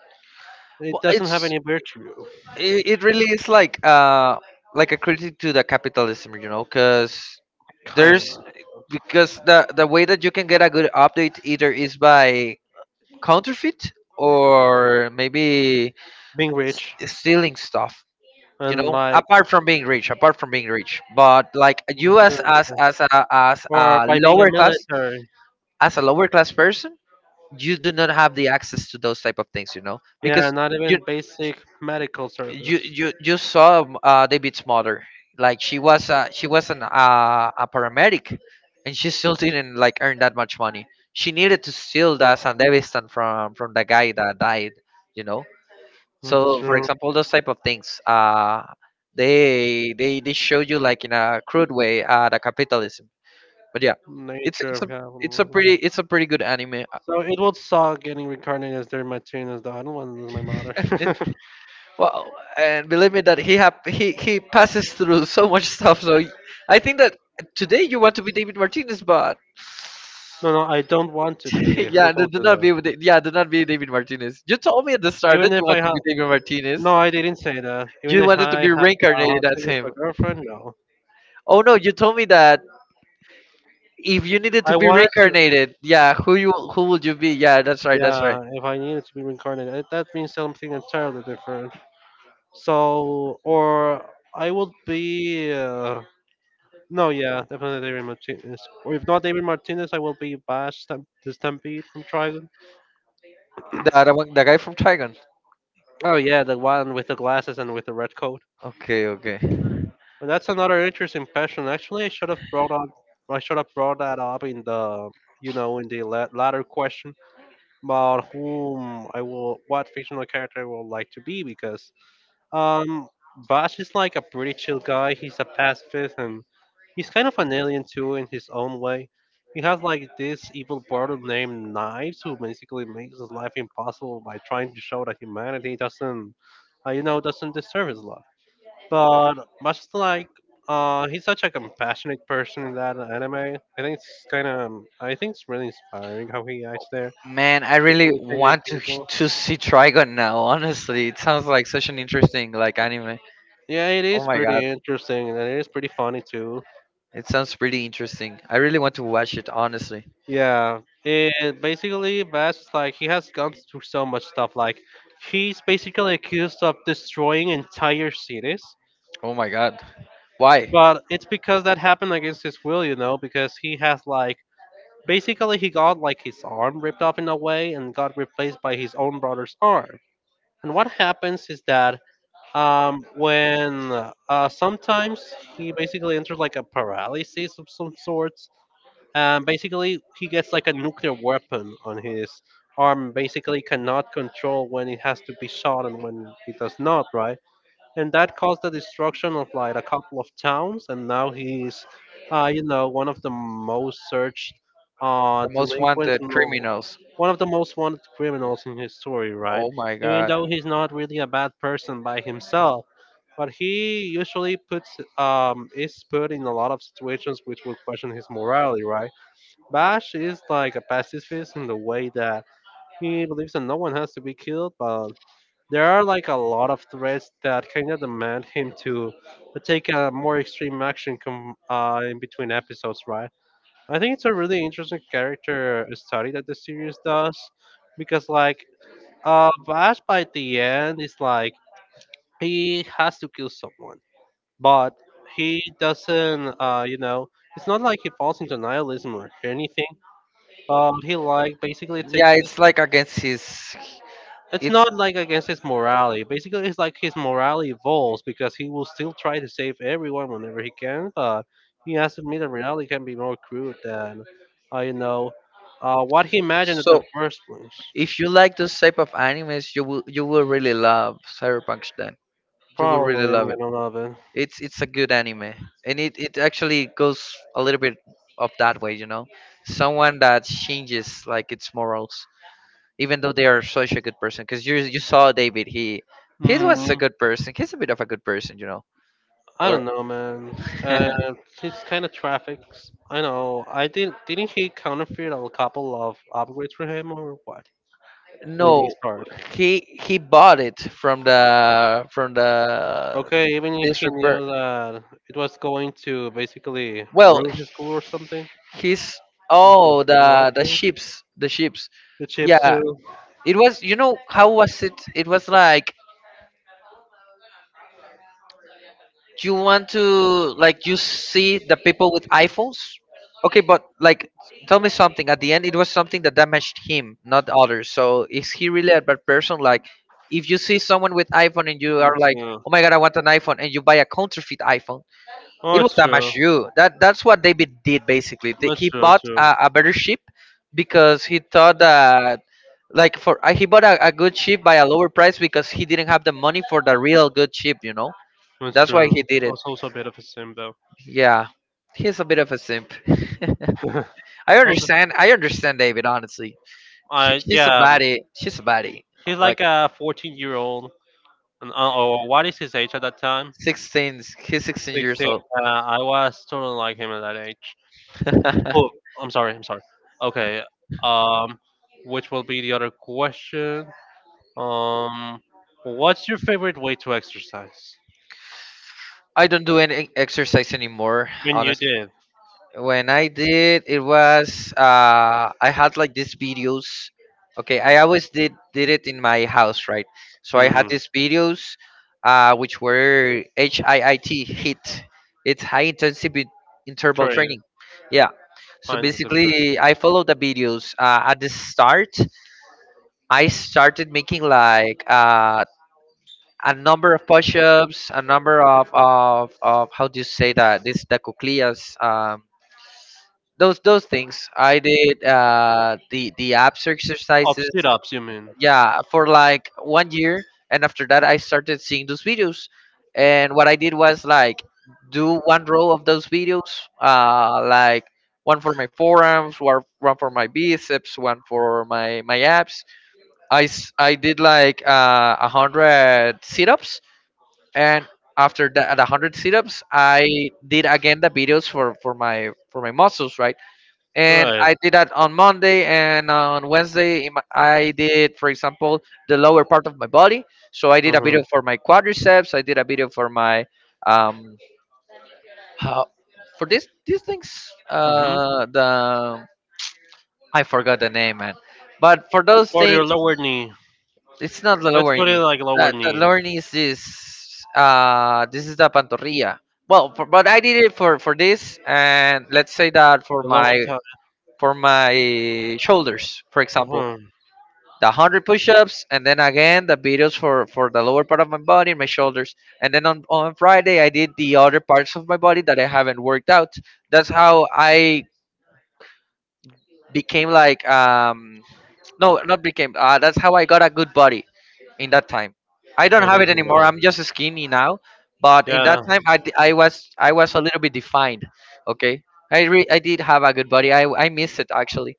Speaker 1: it
Speaker 2: Well,
Speaker 1: doesn't have
Speaker 2: it's
Speaker 1: any virtue
Speaker 2: it, it really is like uh like a critic to the capitalism, you know, because
Speaker 1: kind
Speaker 2: there's
Speaker 1: of
Speaker 2: because the the way that you can get a good update either is by counterfeit, or maybe
Speaker 1: being rich
Speaker 2: s- stealing stuff, you
Speaker 1: and
Speaker 2: know,
Speaker 1: like
Speaker 2: apart from being rich, apart from being rich but like
Speaker 1: on
Speaker 2: you as
Speaker 1: stealing
Speaker 2: as
Speaker 1: stuff.
Speaker 2: as a, as
Speaker 1: Or
Speaker 2: a
Speaker 1: by being a
Speaker 2: lower class,
Speaker 1: military.
Speaker 2: as a lower class person, you do not have the access to those type of things, you know,
Speaker 1: Yeah,
Speaker 2: because
Speaker 1: not
Speaker 2: you
Speaker 1: even basic medical
Speaker 2: you
Speaker 1: service.
Speaker 2: you, you saw um, uh, David's mother. Like she was uh, she was an uh, a paramedic, and she still didn't like earn that much money. She needed to steal the San Davis from from the guy that died, you know.
Speaker 1: That's
Speaker 2: So for
Speaker 1: true.
Speaker 2: example, those type of things, uh they they they show you like in a crude way uh the capitalism, but yeah, it's
Speaker 1: Nature
Speaker 2: it's a
Speaker 1: of
Speaker 2: it's a
Speaker 1: capitalism.
Speaker 2: pretty it's a pretty good anime. Uh,
Speaker 1: So it would suck getting reincarnated as Derry Martinez, though. I don't want to lose my mother.
Speaker 2: it- well, and believe me that he have he he passes through so much stuff, so y- I think that today you want to be David Martinez, but
Speaker 1: No, no, I don't want to be. Who
Speaker 2: yeah, no,
Speaker 1: told
Speaker 2: do
Speaker 1: you
Speaker 2: not be
Speaker 1: that?
Speaker 2: with Da- yeah, do not be David Martinez. You told me at the start that
Speaker 1: Even
Speaker 2: you
Speaker 1: if I
Speaker 2: want to be
Speaker 1: have.
Speaker 2: David Martinez.
Speaker 1: No, I didn't say that. Even
Speaker 2: You
Speaker 1: if
Speaker 2: wanted to
Speaker 1: I
Speaker 2: be
Speaker 1: have a
Speaker 2: reincarnated
Speaker 1: hot
Speaker 2: as
Speaker 1: chick with a
Speaker 2: him.
Speaker 1: girlfriend, no.
Speaker 2: Oh no, you told me that. If you needed to
Speaker 1: I
Speaker 2: be
Speaker 1: wanted to.
Speaker 2: reincarnated, yeah, who you who would you be? Yeah, that's right, that's right.
Speaker 1: Yeah, if I needed to be reincarnated, eh, that means something entirely different. So, or I would be. Uh, no, yeah, definitely David Martinez. Or if not David Martinez, I will be Bash Stamp- the Stampede from Trigon.
Speaker 2: The other one, the guy from Trigon.
Speaker 1: Oh, yeah, the one with the glasses and with the red coat.
Speaker 2: Okay, okay.
Speaker 1: But that's another interesting passion. Actually, I should have brought up. I should have brought that up in the, you know, in the la- latter question about whom I will, what fictional character I would like to be, because Um, Bosch is like a pretty chill guy. He's a pacifist and he's kind of an alien too in his own way. He has like this evil brother named Knives who basically makes his life impossible by trying to show that humanity doesn't, uh, you know, doesn't deserve his love. But Bosch is like, uh, he's such a compassionate person in that anime. I think it's kind of, I think it's really inspiring how he acts there,
Speaker 2: Man, I really
Speaker 1: with changing
Speaker 2: want to h-
Speaker 1: people.
Speaker 2: to see Trigon now. Honestly, it sounds like such an interesting like anime.
Speaker 1: Yeah, it
Speaker 2: Oh
Speaker 1: is
Speaker 2: my
Speaker 1: pretty
Speaker 2: god,
Speaker 1: interesting and it is pretty funny too.
Speaker 2: it sounds pretty interesting. I really want to watch it. Honestly.
Speaker 1: Yeah, and basically, Bast like he has gone through so much stuff. Like he's basically accused of destroying entire cities,
Speaker 2: Oh my god, why?
Speaker 1: but it's because that happened against his will, you know. Because he has like basically he got like his arm ripped off in a way and got replaced by his own brother's arm. And what happens is that um when uh sometimes he basically enters like a paralysis of some sort. Um, basically, he gets like a nuclear weapon on his arm. Basically, cannot control when it has to be shot and when it does not. Right, and that caused the destruction of like a couple of towns. And now he's, uh, you know, one of the most searched, uh,
Speaker 2: The most
Speaker 1: delinquents.
Speaker 2: wanted
Speaker 1: No,
Speaker 2: criminals.
Speaker 1: one of the most wanted criminals in his story. Right,
Speaker 2: Oh my
Speaker 1: even
Speaker 2: god.
Speaker 1: though he's not really a bad person by himself. But he usually puts um, is put in a lot of situations which will question his morality, right? Bash is like a pacifist in the way that he believes that no one has to be killed, but there are like a lot of threats that kind of demand him to take a more extreme action com- uh, in between episodes, right? I think it's a really interesting character study that the series does because, like, uh, Bash by the end is like he has to kill someone, but he doesn't, uh, you know, it's not like he falls into nihilism or anything but he like basically
Speaker 2: Yeah,
Speaker 1: takes it.
Speaker 2: it's like against his.
Speaker 1: It's
Speaker 2: It's
Speaker 1: not like against his morality. Basically, it's like his morality evolves because he will still try to save everyone whenever he can. But he has to admit that reality can be more crude than, uh, you know, uh, what he imagined at the
Speaker 2: so
Speaker 1: first place.
Speaker 2: if you like those type of animes, you will you will really love Cyberpunk then. You will really
Speaker 1: Probably, I'm
Speaker 2: love it.
Speaker 1: gonna love it.
Speaker 2: It's it's a good anime. And it, it actually goes a little bit of that way, you know. Someone that changes like its morals, even though they are such a good person. Because you you saw David, he he was a
Speaker 1: Hmm,
Speaker 2: good person. He's a bit of a good person, you know.
Speaker 1: I
Speaker 2: Or
Speaker 1: don't know, man. Uh, it's kind of traffics. I know. I did. Didn't he counterfeit a couple of upgrades for him or what in the
Speaker 2: no,
Speaker 1: start?
Speaker 2: he he bought it from the from the
Speaker 1: Okay, even if
Speaker 2: this
Speaker 1: he
Speaker 2: repair.
Speaker 1: knew that it was going to basically
Speaker 2: Well,
Speaker 1: ruin his school or something,
Speaker 2: his,
Speaker 1: if he was
Speaker 2: oh the the
Speaker 1: still not to.
Speaker 2: ships, the ships.
Speaker 1: The chips
Speaker 2: Yeah,
Speaker 1: too.
Speaker 2: it was. You know how was it? It was like you want to like you see the people with iPhones. Okay, but like tell me something. At the end, it was something that damaged him, not others. So is he really a bad person? Like, if you see someone with iPhone and you are
Speaker 1: Mm,
Speaker 2: like,
Speaker 1: so-
Speaker 2: oh my god, I want an iPhone, and you buy a counterfeit iPhone.
Speaker 1: Oh,
Speaker 2: It was
Speaker 1: it's true.
Speaker 2: Damashu. That that's what David did basically. Th-
Speaker 1: That's
Speaker 2: He
Speaker 1: true. That's
Speaker 2: bought
Speaker 1: true.
Speaker 2: a, a better ship because he thought that like for uh, he bought a, a good ship by a lower price because he didn't have the money for the real good ship. You know
Speaker 1: That's
Speaker 2: that's why
Speaker 1: true.
Speaker 2: he did it.
Speaker 1: That's also a bit of a sim though.
Speaker 2: Yeah, he's a bit of a simp. I
Speaker 1: Okay.
Speaker 2: understand. I understand David. Honestly, she,
Speaker 1: Uh,
Speaker 2: she's a
Speaker 1: yeah, um,
Speaker 2: baddie. She's a baddie.
Speaker 1: he's
Speaker 2: Like
Speaker 1: like a fourteen year old. and- uh, Or what is his age at that time?
Speaker 2: sixteen. He's sixteen years
Speaker 1: sixteen.
Speaker 2: old.
Speaker 1: Uh, I was totally like him at that age. Oh, I'm sorry. I'm sorry. Okay. Um, which will be the other question? Um, what's your favorite way to exercise?
Speaker 2: I don't do any exercise anymore.
Speaker 1: When you
Speaker 2: Honestly.
Speaker 1: did.
Speaker 2: When I did, it was uh, I had like these videos. Okay, I always did did it in my house, right? So I had
Speaker 1: Mm-hmm.
Speaker 2: these videos, uh, which were H I I T hit. It's high intensity interval
Speaker 1: Train.
Speaker 2: training. Yeah. So
Speaker 1: Find the train.
Speaker 2: basically, I followed the videos. Uh, at the start, I started making like uh, a number of push-ups, a number of, of, of, how do you say that? This the cuclillas. Um, those those things I did, uh the the abs
Speaker 1: Up,
Speaker 2: exercises,
Speaker 1: sit ups, you mean?
Speaker 2: yeah, for like one year. And after that, I started seeing those videos, and what I did was like do one row of those videos, uh like one for my forearms, one one for my biceps, one for my my abs. i s- I did like uh one hundred sit-ups, and after that, at one hundred sit-ups, I did again the videos for for my for my muscles, right. And
Speaker 1: Right.
Speaker 2: I did that on Monday and on Wednesday. in my- I did, for example, the lower part of my body. So I did a
Speaker 1: Mm-hmm.
Speaker 2: video for my quadriceps. I did a video for my um how for this these things.
Speaker 1: Mm-hmm.
Speaker 2: Uh, the I forgot the name, man. But for those
Speaker 1: For your
Speaker 2: things,
Speaker 1: lower knee.
Speaker 2: it's not the
Speaker 1: Let's
Speaker 2: lower
Speaker 1: put it
Speaker 2: knee.
Speaker 1: like
Speaker 2: The,
Speaker 1: lower
Speaker 2: the
Speaker 1: knee.
Speaker 2: lower knee is this. Uh, this is the pantorrilla. Well, for, but I did it for for this, and let's say that for
Speaker 1: The lower
Speaker 2: my
Speaker 1: t-
Speaker 2: for my shoulders, for example
Speaker 1: Mhm.
Speaker 2: the one hundred push-ups, and then again the videos for for the lower part of my body and my shoulders. And then on, on Friday, I did the other parts of my body that I haven't worked out. That's how I became like um no, not became, uh, that's how I got a good body in that time. I don't have it
Speaker 1: Anything.
Speaker 2: anymore, I'm just skinny now. But in that
Speaker 1: Yeah,
Speaker 2: time, i, d- I was, I was a little bit defined. Okay, i re- I did have a good body. i I miss it actually,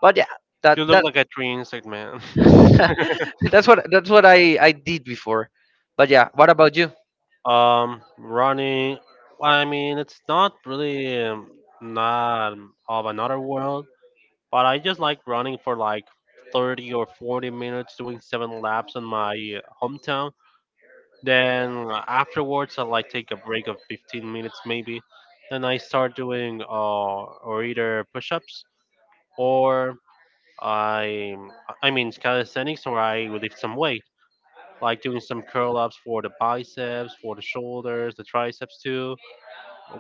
Speaker 2: but yeah, that
Speaker 1: you look
Speaker 2: that
Speaker 1: like a tree insect, man.
Speaker 2: that's what that's what I I did before. But yeah, what about you?
Speaker 1: Um, running. I mean, it's not really um, not of another world, but I just like running for like thirty or forty minutes, doing seven laps in my uh, hometown. Then afterwards, I like take a break of fifteen minutes maybe. Then I start doing uh, or either push-ups or I I mean it's calisthenics, or I would lift some weight, like doing some curl ups for the biceps, for the shoulders, the triceps too.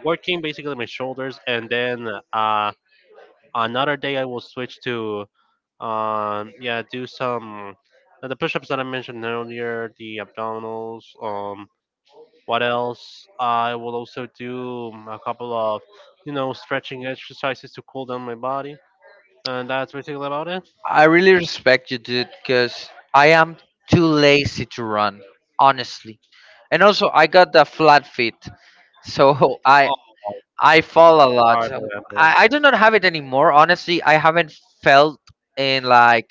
Speaker 1: Working basically my shoulders, and then uh, another day I will switch to um yeah, do some uh, the push ups that I mentioned earlier, the abdominals. Um, what else? I will also do a couple of you know stretching exercises to cool down my body, and that's basically about it.
Speaker 2: I really respect you, dude, because I am too lazy to run, honestly. And also, I got the flat feet, so I I fall a
Speaker 1: All right,
Speaker 2: lot.
Speaker 1: my bad,
Speaker 2: I,
Speaker 1: man.
Speaker 2: I do not have it anymore, honestly. I haven't felt in like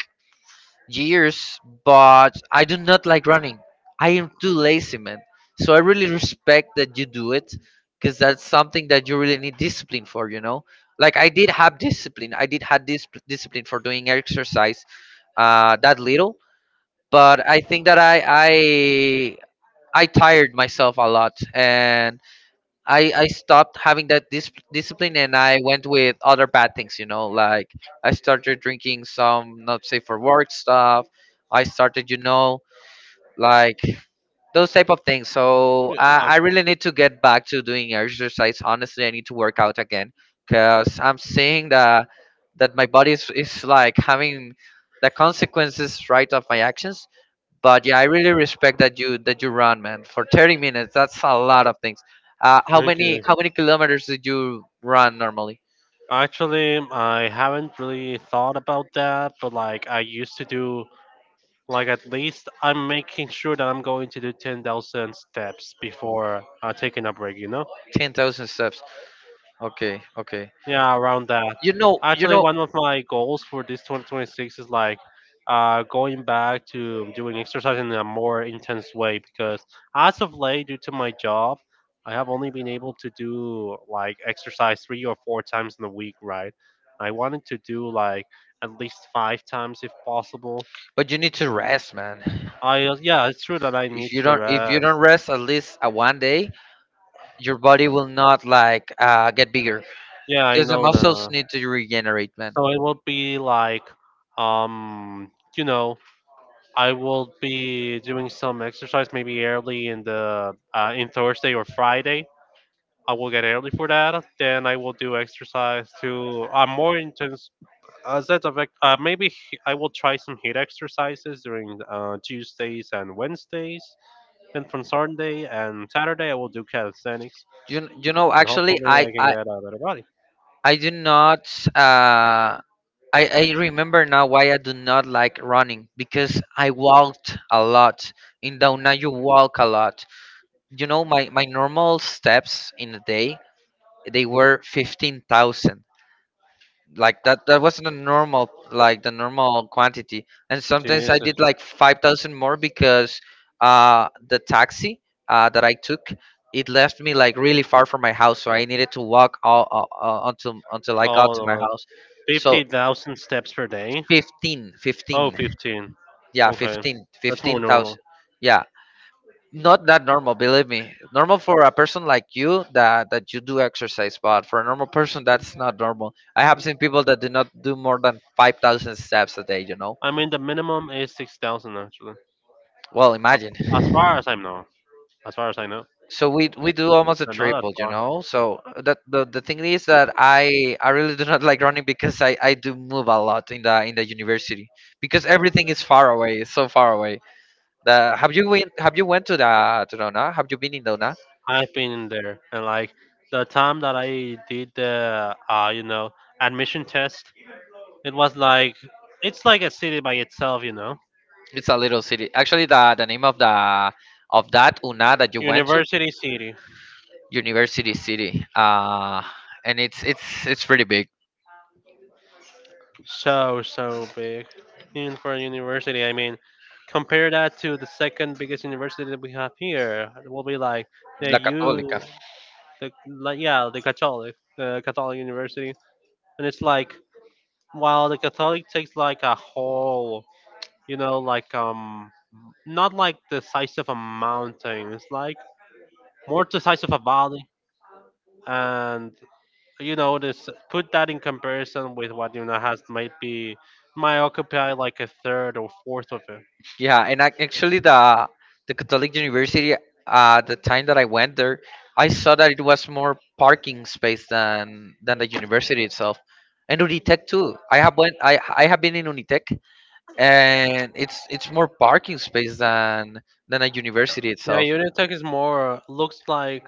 Speaker 2: years, but I do not like running. I am too lazy, man. So I really respect that you do it, because that's something that you really need discipline for, you know? Like I did have discipline. I did have this discipline for doing exercise uh that little, but I think that I I I tired myself a lot, and I I stopped having that dis- discipline, and I went with other bad things, you know, like I started drinking some not safe for work stuff. I started, you know, like those type of things. So
Speaker 1: Yeah,
Speaker 2: I,
Speaker 1: um,
Speaker 2: I really need to get back to doing exercise. Honestly, I need to work out again because I'm seeing that that my body is, is like having the consequences, right, of my actions. But yeah, I really respect that you that you run, man. For thirty minutes, that's a lot of things. Uh, how
Speaker 1: thank
Speaker 2: many
Speaker 1: you.
Speaker 2: how many kilometers did you run normally?
Speaker 1: Actually, I haven't really thought about that, but like I used to do, like at least I'm making sure that I'm going to do ten thousand steps before uh, taking a break, you know?
Speaker 2: ten thousand steps. Okay, okay.
Speaker 1: Yeah, around that.
Speaker 2: You know, you
Speaker 1: Actually,
Speaker 2: know,
Speaker 1: one of my goals for this two thousand twenty-six is like uh, going back to doing exercise in a more intense way because as of late, due to my job, I have only been able to do like exercise three or four times in a week, right? I wanted to do like at least five times if possible.
Speaker 2: but you need to rest, man.
Speaker 1: I uh, Yeah, it's true that I
Speaker 2: If
Speaker 1: need
Speaker 2: you
Speaker 1: to
Speaker 2: don't, if you
Speaker 1: rest.
Speaker 2: don't rest at least a one day, your body will not like uh, get bigger
Speaker 1: Yeah, I
Speaker 2: because the
Speaker 1: know
Speaker 2: muscles
Speaker 1: that.
Speaker 2: need to regenerate, man.
Speaker 1: So it will be like, um, you know, I will be doing some exercise maybe early in the uh, in Thursday or Friday. I will get early for that. Then I will do exercise to uh, more intense. As that affect, uh, maybe h- I will try some heat exercises during uh, Tuesdays and Wednesdays. Then from Sunday and Saturday, I will do calisthenics,
Speaker 2: You you know,
Speaker 1: and
Speaker 2: actually,
Speaker 1: hopefully
Speaker 2: I
Speaker 1: I can
Speaker 2: I
Speaker 1: get a better body.
Speaker 2: I do not. Uh, I, I remember now why I do not like running, because I walked a lot. In Dauna, you walk a lot. You know, my, my normal steps in a day, they were fifteen thousand. Like that, that wasn't a normal, like the normal quantity. And sometimes I
Speaker 1: Jesus,
Speaker 2: did like five thousand more because uh, the taxi uh, that I took, it left me like really far from my house. So I needed to walk all, all, all until, until I got to my
Speaker 1: oh,
Speaker 2: house. So
Speaker 1: fifty thousand steps per day.
Speaker 2: fifteen,
Speaker 1: Oh,
Speaker 2: fifteen.
Speaker 1: fifteen.
Speaker 2: Yeah,
Speaker 1: Okay.
Speaker 2: fifteen,
Speaker 1: That's more
Speaker 2: fifteen
Speaker 1: normal.
Speaker 2: thousand. Yeah, not that normal, believe me. Normal for a person like you that that you do exercise, but for a normal person that's not normal. I have seen people that do not do more than five thousand steps a day, you know.
Speaker 1: I mean, the minimum is six thousand actually.
Speaker 2: Well,
Speaker 1: Uh,
Speaker 2: imagine.
Speaker 1: As far as I know. As far as I know.
Speaker 2: So we we do almost a
Speaker 1: So not that
Speaker 2: triple, you
Speaker 1: far.
Speaker 2: know. So that the the thing is that I I really do not like running, because I I do move a lot in the in the university, because everything is far away, it's so far away. The have you went, have you went to the to Dona? Have you been in Dona?
Speaker 1: I've been in there, and like the time that I did the uh, you know, admission test, it was like it's like a city by itself, you know,
Speaker 2: It's a little city. Actually, the the name of the of that una that you went to,
Speaker 1: university city.
Speaker 2: University City. Uh, and it's it's it's pretty big,
Speaker 1: So, so big. Even for a university, I mean, compare that to the second biggest university that we have here. It will be like the
Speaker 2: La Católica.
Speaker 1: U, the like, yeah, the Catholic, the Catholic University, and it's like while the Catholic takes like a whole, you know, like um, not like the size of a mountain. It's like more the size of a valley, and you know this put that in comparison with what Yuna has might be might occupy like a third or fourth of it.
Speaker 2: Yeah, and ac- actually the the Catholic University. Uh, the time that I went there, I saw that it was more parking space than than the university itself. And Unitec too. I have went. I I have been in Unitec, and it's it's more parking space than than a university
Speaker 1: Yeah,
Speaker 2: itself.
Speaker 1: Unitech is more looks like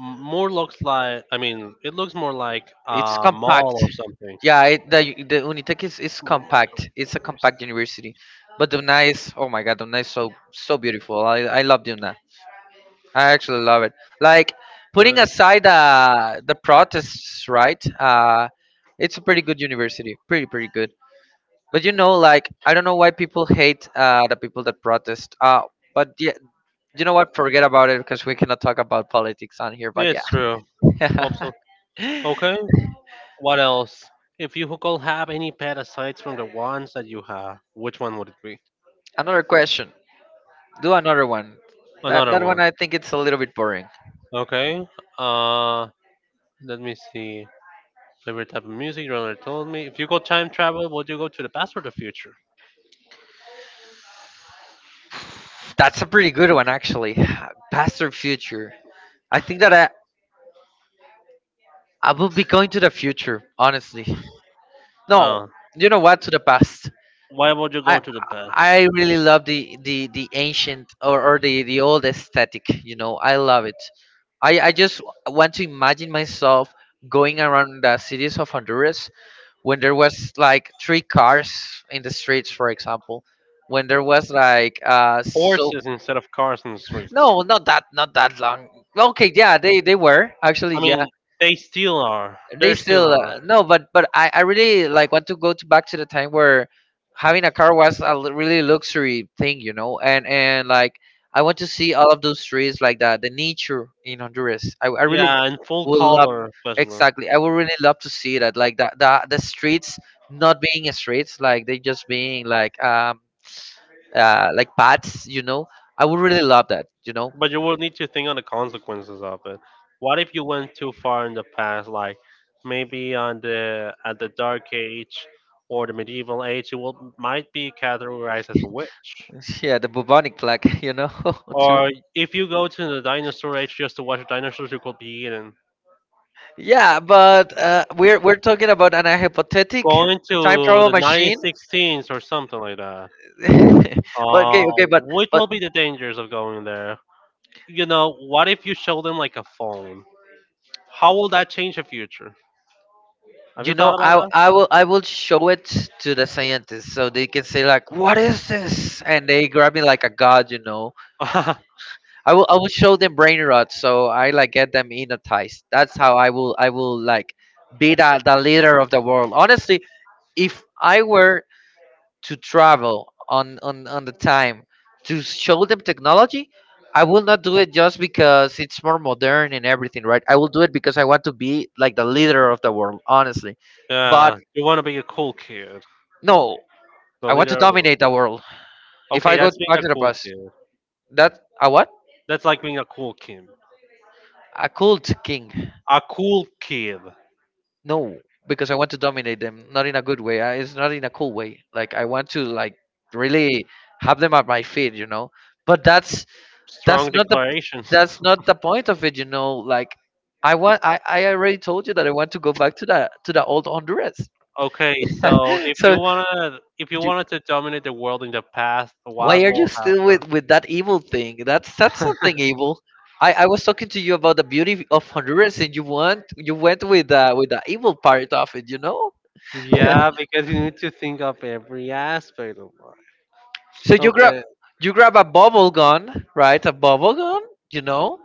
Speaker 1: m- more looks like, I mean it looks more like
Speaker 2: It's
Speaker 1: a
Speaker 2: compact.
Speaker 1: mall or something.
Speaker 2: Yeah, it, the u- the Unitec is, is
Speaker 1: More like a
Speaker 2: compact. It's a
Speaker 1: mall
Speaker 2: compact
Speaker 1: or
Speaker 2: university, but Dona is oh my god, Dona is so so beautiful. I I love Dona. I actually love it. Like, putting aside
Speaker 1: something.
Speaker 2: uh, the protests, right? Uh, it's a pretty good university. Pretty pretty good. But you know, like, I don't know why people hate uh, the people that protest. Uh, but yeah, you know what? Forget about it because we cannot talk about politics on here.
Speaker 1: Yeah,
Speaker 2: But yeah.
Speaker 1: it's true. Hope so. Okay. What else? If you could have any pet aside from the ones that you have, which one would it be?
Speaker 2: Another question. Do another one. That
Speaker 1: Another
Speaker 2: that one,
Speaker 1: one.
Speaker 2: I think it's a little bit boring.
Speaker 1: Okay. Uh, let me see. Favorite type of music. You already told me. If you go time travel, would you go to the past or the future?
Speaker 2: That's a pretty good one actually. Past or future. I think that I I will be going to the future, honestly. No,
Speaker 1: Uh,
Speaker 2: you know what? To the past.
Speaker 1: why would you
Speaker 2: I
Speaker 1: go to the past?
Speaker 2: I really love the the the ancient, or, or the the old aesthetic. You know, I love it. I I just want to imagine myself going around the cities of Honduras when there was like three cars in the streets, for example, when there was like uh so
Speaker 1: Horses instead of cars in the streets.
Speaker 2: no, not that, not that long. Okay, yeah, they they were, actually,
Speaker 1: I
Speaker 2: yeah,
Speaker 1: mean, they still are. They
Speaker 2: they
Speaker 1: still
Speaker 2: still
Speaker 1: are.
Speaker 2: uh, no, but but I, I really like want to go to back to the time where having a car was a l- really luxury thing, you know, and and like I want to see all of those trees, like that, the nature in Honduras. i, I really
Speaker 1: Yeah, in full
Speaker 2: would love,
Speaker 1: color, especially.
Speaker 2: exactly, I would really love to see that, like the, the the streets not being streets, like they just being like um uh like paths, you know. I would really love that, you know.
Speaker 1: But you will need to think on the consequences of it. What if you went too far in the past, like maybe on the at the Dark Age or the medieval age? You will might be categorized as a witch.
Speaker 2: Yeah, the bubonic plague you know too.
Speaker 1: Or if you go to the dinosaur age just to watch dinosaurs, you could be eaten.
Speaker 2: Yeah, but uh, we're we're talking about an, a hypothetic
Speaker 1: Going
Speaker 2: time
Speaker 1: to
Speaker 2: travel
Speaker 1: the
Speaker 2: machine.
Speaker 1: nineteen sixteens or something like that.
Speaker 2: But okay,
Speaker 1: Uh,
Speaker 2: okay, but
Speaker 1: which
Speaker 2: but
Speaker 1: will be the dangers of going there? You know, what if you show them like a phone? How will that change the future? Have
Speaker 2: you
Speaker 1: you
Speaker 2: know,
Speaker 1: thought
Speaker 2: I
Speaker 1: about
Speaker 2: I will I will show it to the scientists so they can say like, what is this? And they grab me like a god, you know.
Speaker 1: that?
Speaker 2: I will I will show them brain rot, so I like get them hypnotized. That's how I will I will like be the the leader of the world. Honestly, if I were to travel on, on, on the time to show them technology, I will not do it just because it's more modern and everything, right? I will do it because I want to be like the leader of the world, honestly. But
Speaker 1: Yeah, you want to be a cool kid,
Speaker 2: no,
Speaker 1: the
Speaker 2: I want to
Speaker 1: leader of the.
Speaker 2: dominate the world. If
Speaker 1: Okay,
Speaker 2: I go
Speaker 1: that's being
Speaker 2: back
Speaker 1: a
Speaker 2: to the
Speaker 1: cool
Speaker 2: past,
Speaker 1: kid.
Speaker 2: that a what?
Speaker 1: That's like being a cool kid.
Speaker 2: A cult king?
Speaker 1: A cool kid.
Speaker 2: No, because I want to dominate them, not in a good way. I, it's not in a cool way. Like, I want to like really have them at my feet, you know. But that's that's
Speaker 1: Strong
Speaker 2: not the
Speaker 1: declarations.
Speaker 2: that's not the point of it, you know. Like, I want, i i already told you that I want to go back to that, to the old Honduras.
Speaker 1: Okay, so if you
Speaker 2: So
Speaker 1: wanna, if you
Speaker 2: you,
Speaker 1: wanted to dominate the world in the past, what
Speaker 2: why are you
Speaker 1: will
Speaker 2: still
Speaker 1: happen?
Speaker 2: with with that evil thing? That's that's something evil. I i was talking to you about the beauty of Honduras, and you want you went with uh with the evil part of it, you know.
Speaker 1: Yeah, because you need to think of every aspect of life.
Speaker 2: So you grab,
Speaker 1: Okay.
Speaker 2: you grab a bubble gun, right? A bubble gun, you know.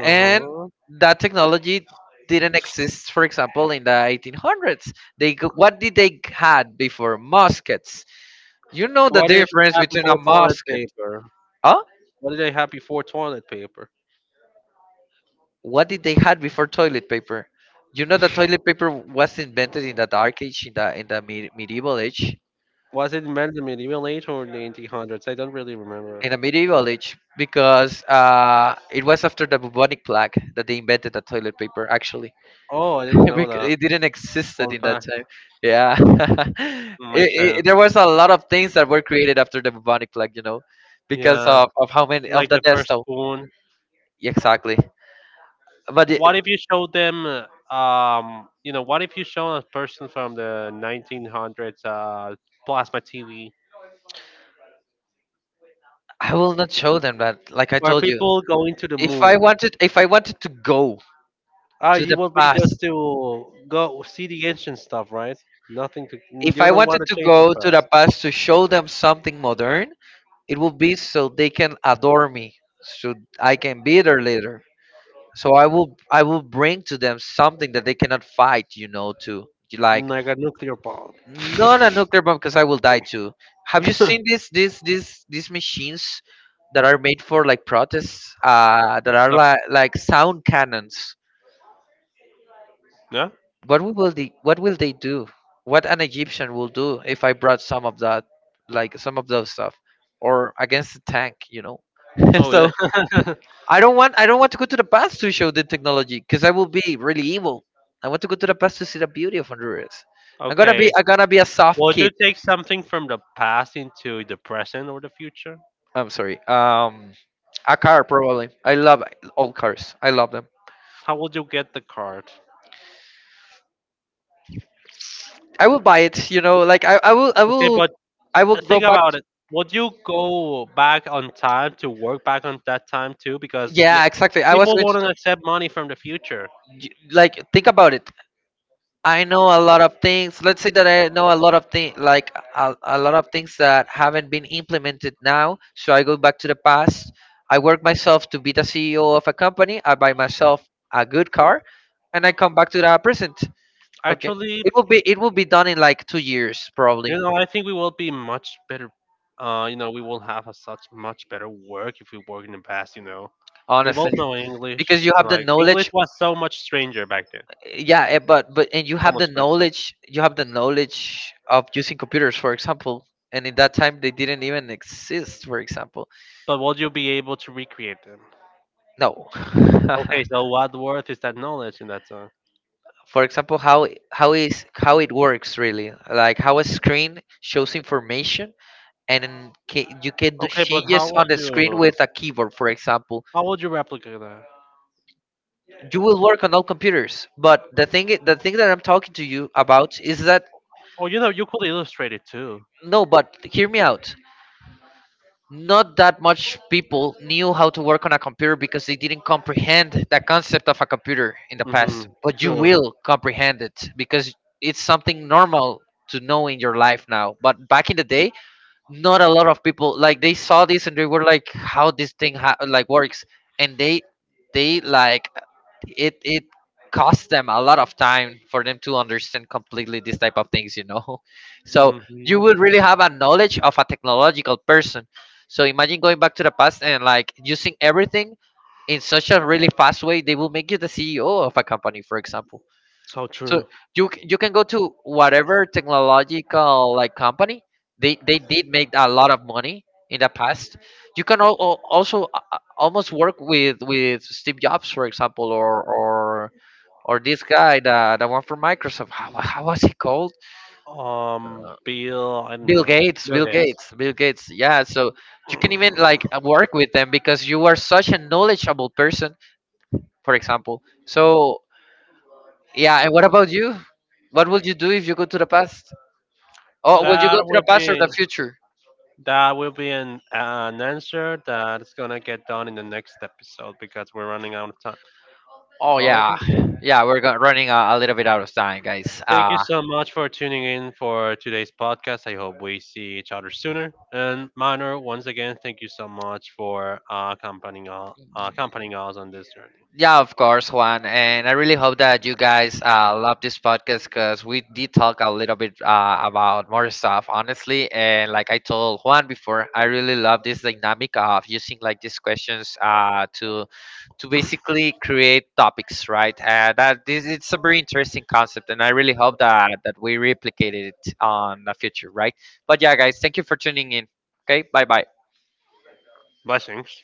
Speaker 2: And that technology didn't exist, for example, in the eighteen hundreds. They g- what did they had before muskets? You know, the
Speaker 1: What did they
Speaker 2: difference
Speaker 1: have
Speaker 2: between a
Speaker 1: before toilet
Speaker 2: musket,
Speaker 1: paper?
Speaker 2: huh?
Speaker 1: What did they have before toilet paper?
Speaker 2: What did they had before toilet paper? You know that toilet paper was invented in the dark age, in the, in the me- medieval age.
Speaker 1: Was it invented in the medieval age or in the eighteen hundreds? I don't really remember.
Speaker 2: In the medieval age, because uh, it was after the bubonic plague that they invented the toilet paper, actually.
Speaker 1: Oh, I didn't know
Speaker 2: Because
Speaker 1: that.
Speaker 2: it didn't existed
Speaker 1: One
Speaker 2: in that
Speaker 1: fact.
Speaker 2: time. Yeah, it,
Speaker 1: Makes sense.
Speaker 2: it, there was a lot of things that were created after the bubonic plague, you know, because
Speaker 1: Yeah.
Speaker 2: of, of how many of
Speaker 1: Like
Speaker 2: the
Speaker 1: the
Speaker 2: deaths.
Speaker 1: first
Speaker 2: Oh,
Speaker 1: spoon.
Speaker 2: exactly. But it,
Speaker 1: What if you show them, uh, um, you know, what if you show a person from the nineteen hundreds uh, plasma T V
Speaker 2: I will not show them that. Like I
Speaker 1: where
Speaker 2: told you,
Speaker 1: people going to the
Speaker 2: if I
Speaker 1: moon?
Speaker 2: wanted, if I wanted to go
Speaker 1: Ah,
Speaker 2: to the
Speaker 1: you will be
Speaker 2: past,
Speaker 1: just to go see the ancient stuff, right? Nothing to,
Speaker 2: if
Speaker 1: you
Speaker 2: I
Speaker 1: don't want
Speaker 2: wanted
Speaker 1: to
Speaker 2: to
Speaker 1: change your
Speaker 2: go to the
Speaker 1: past.
Speaker 2: past to show them something modern, it would be so they can adore me, so I can be their leader. So i will i will bring to them something that they cannot fight, you know, to, like,
Speaker 1: Like a nuclear bomb.
Speaker 2: not a nuclear bomb because I will die too. Have you seen this this this these machines that are made for like protests, uh that are like like sound cannons?
Speaker 1: Yeah?
Speaker 2: What will they, what will they do? What an Egyptian will do if I brought some of that, like some of those stuff, or against the tank, you know?
Speaker 1: Oh, yeah.
Speaker 2: So I don't want I don't want to go to the past to show the technology because I will be really evil. I want to go to the past to see the beauty of Honduras. I'm gonna be
Speaker 1: Okay.
Speaker 2: I'm gonna be a soft
Speaker 1: Would
Speaker 2: kid.
Speaker 1: you take something from the past into the present or the future?
Speaker 2: I'm sorry. Um, a car probably. I love old cars. I love them.
Speaker 1: How would you get the card?
Speaker 2: I will buy it. You know, like, I, I will I
Speaker 1: Okay,
Speaker 2: will
Speaker 1: but
Speaker 2: I will
Speaker 1: uh,
Speaker 2: go
Speaker 1: think
Speaker 2: back.
Speaker 1: about it. Would you go back on time to work back on that time too? Because the
Speaker 2: Yeah, exactly. I was
Speaker 1: people
Speaker 2: going to
Speaker 1: wouldn't accept money from the future.
Speaker 2: t- y- like think about it. I know a lot of things. Let's say that I know a lot of things, like a, a lot of things that haven't been implemented now. So I go back to the past. I work myself to be the C E O of a company. I buy myself a good car, and I come back to the present. Okay,
Speaker 1: Actually,
Speaker 2: it will be it will be done in like two years probably,
Speaker 1: you know, I think we will be much better. Uh, you know, we will have a such much better work if we work in the past. You know, we both
Speaker 2: honestly,
Speaker 1: know English.
Speaker 2: because you have the
Speaker 1: Like English
Speaker 2: knowledge.
Speaker 1: was so much stranger back then,
Speaker 2: Yeah, eh, but but and you
Speaker 1: so
Speaker 2: have
Speaker 1: much
Speaker 2: the
Speaker 1: strange.
Speaker 2: knowledge. You have the knowledge of using computers, for example. And in that time, they didn't even exist, for example.
Speaker 1: But will you be able to recreate them?
Speaker 2: No.
Speaker 1: Okay, so what worth is that knowledge in that song?
Speaker 2: For example, how it- how is how it works really? Like, how a screen shows information, and then ca- you can do
Speaker 1: Okay, but how
Speaker 2: changes on the
Speaker 1: would
Speaker 2: screen
Speaker 1: you
Speaker 2: with a keyboard, for example.
Speaker 1: how would you replicate that?
Speaker 2: You will work on all computers, but the thing i- the thing that I'm talking to you about is that
Speaker 1: Oh, you know, you could illustrate it too.
Speaker 2: no, but hear me out. Not that much people knew how to work on a computer because they didn't comprehend the concept of a computer in the
Speaker 1: Mm-hmm.
Speaker 2: past, but you
Speaker 1: True.
Speaker 2: will comprehend it because it's something normal to know in your life now. But back in the day, not a lot of people, like, they saw this and they were like, how this thing ha- like works? And they they like, it it cost them a lot of time for them to understand completely this type of things, you know. So you
Speaker 1: Mm-hmm.
Speaker 2: would really have a knowledge of a technological person. So imagine going back to the past and like using everything in such a really fast way, they will make you the CEO of a company, for example.
Speaker 1: So
Speaker 2: So
Speaker 1: true.
Speaker 2: you c- you can go to whatever technological like company. They they did make a lot of money in the past. You can al- al- also uh, uh, almost work with with Steve Jobs, for example, or or or this guy, the the one from Microsoft. How, how was he called?
Speaker 1: Um,
Speaker 2: Uh,
Speaker 1: Bill, I don't
Speaker 2: Bill
Speaker 1: know.
Speaker 2: Gates.
Speaker 1: Bill
Speaker 2: Bill
Speaker 1: Gates.
Speaker 2: Gates. Bill Gates. Yeah. So you can even like uh, work with them because you are such a knowledgeable person, for example. So yeah. And what about you? What would you do if you go to the past? Oh, will you go
Speaker 1: That
Speaker 2: to the
Speaker 1: would
Speaker 2: past or the
Speaker 1: be.
Speaker 2: future?
Speaker 1: That will be an an answer that's gonna get done in the next episode because we're running out of time.
Speaker 2: Oh
Speaker 1: Okay.
Speaker 2: yeah, yeah, we're go- running a, a little bit out of time, guys.
Speaker 1: Thank
Speaker 2: Uh,
Speaker 1: you so much for tuning in for today's podcast. I hope we see each other sooner. And Minor, once again, thank you so much for uh, accompanying uh, accompanying us on this journey.
Speaker 2: yeah, of course, Juan, and I really hope that you guys uh, love this podcast because we did talk a little bit uh, about more stuff, honestly. And like I told Juan before, I really love this dynamic of using like these questions uh, to to basically create topics, right? And that this it's a very interesting concept, and I really hope that that we replicated it on the future, right? But yeah, guys, thank you for tuning in. Okay, bye bye.
Speaker 1: Blessings.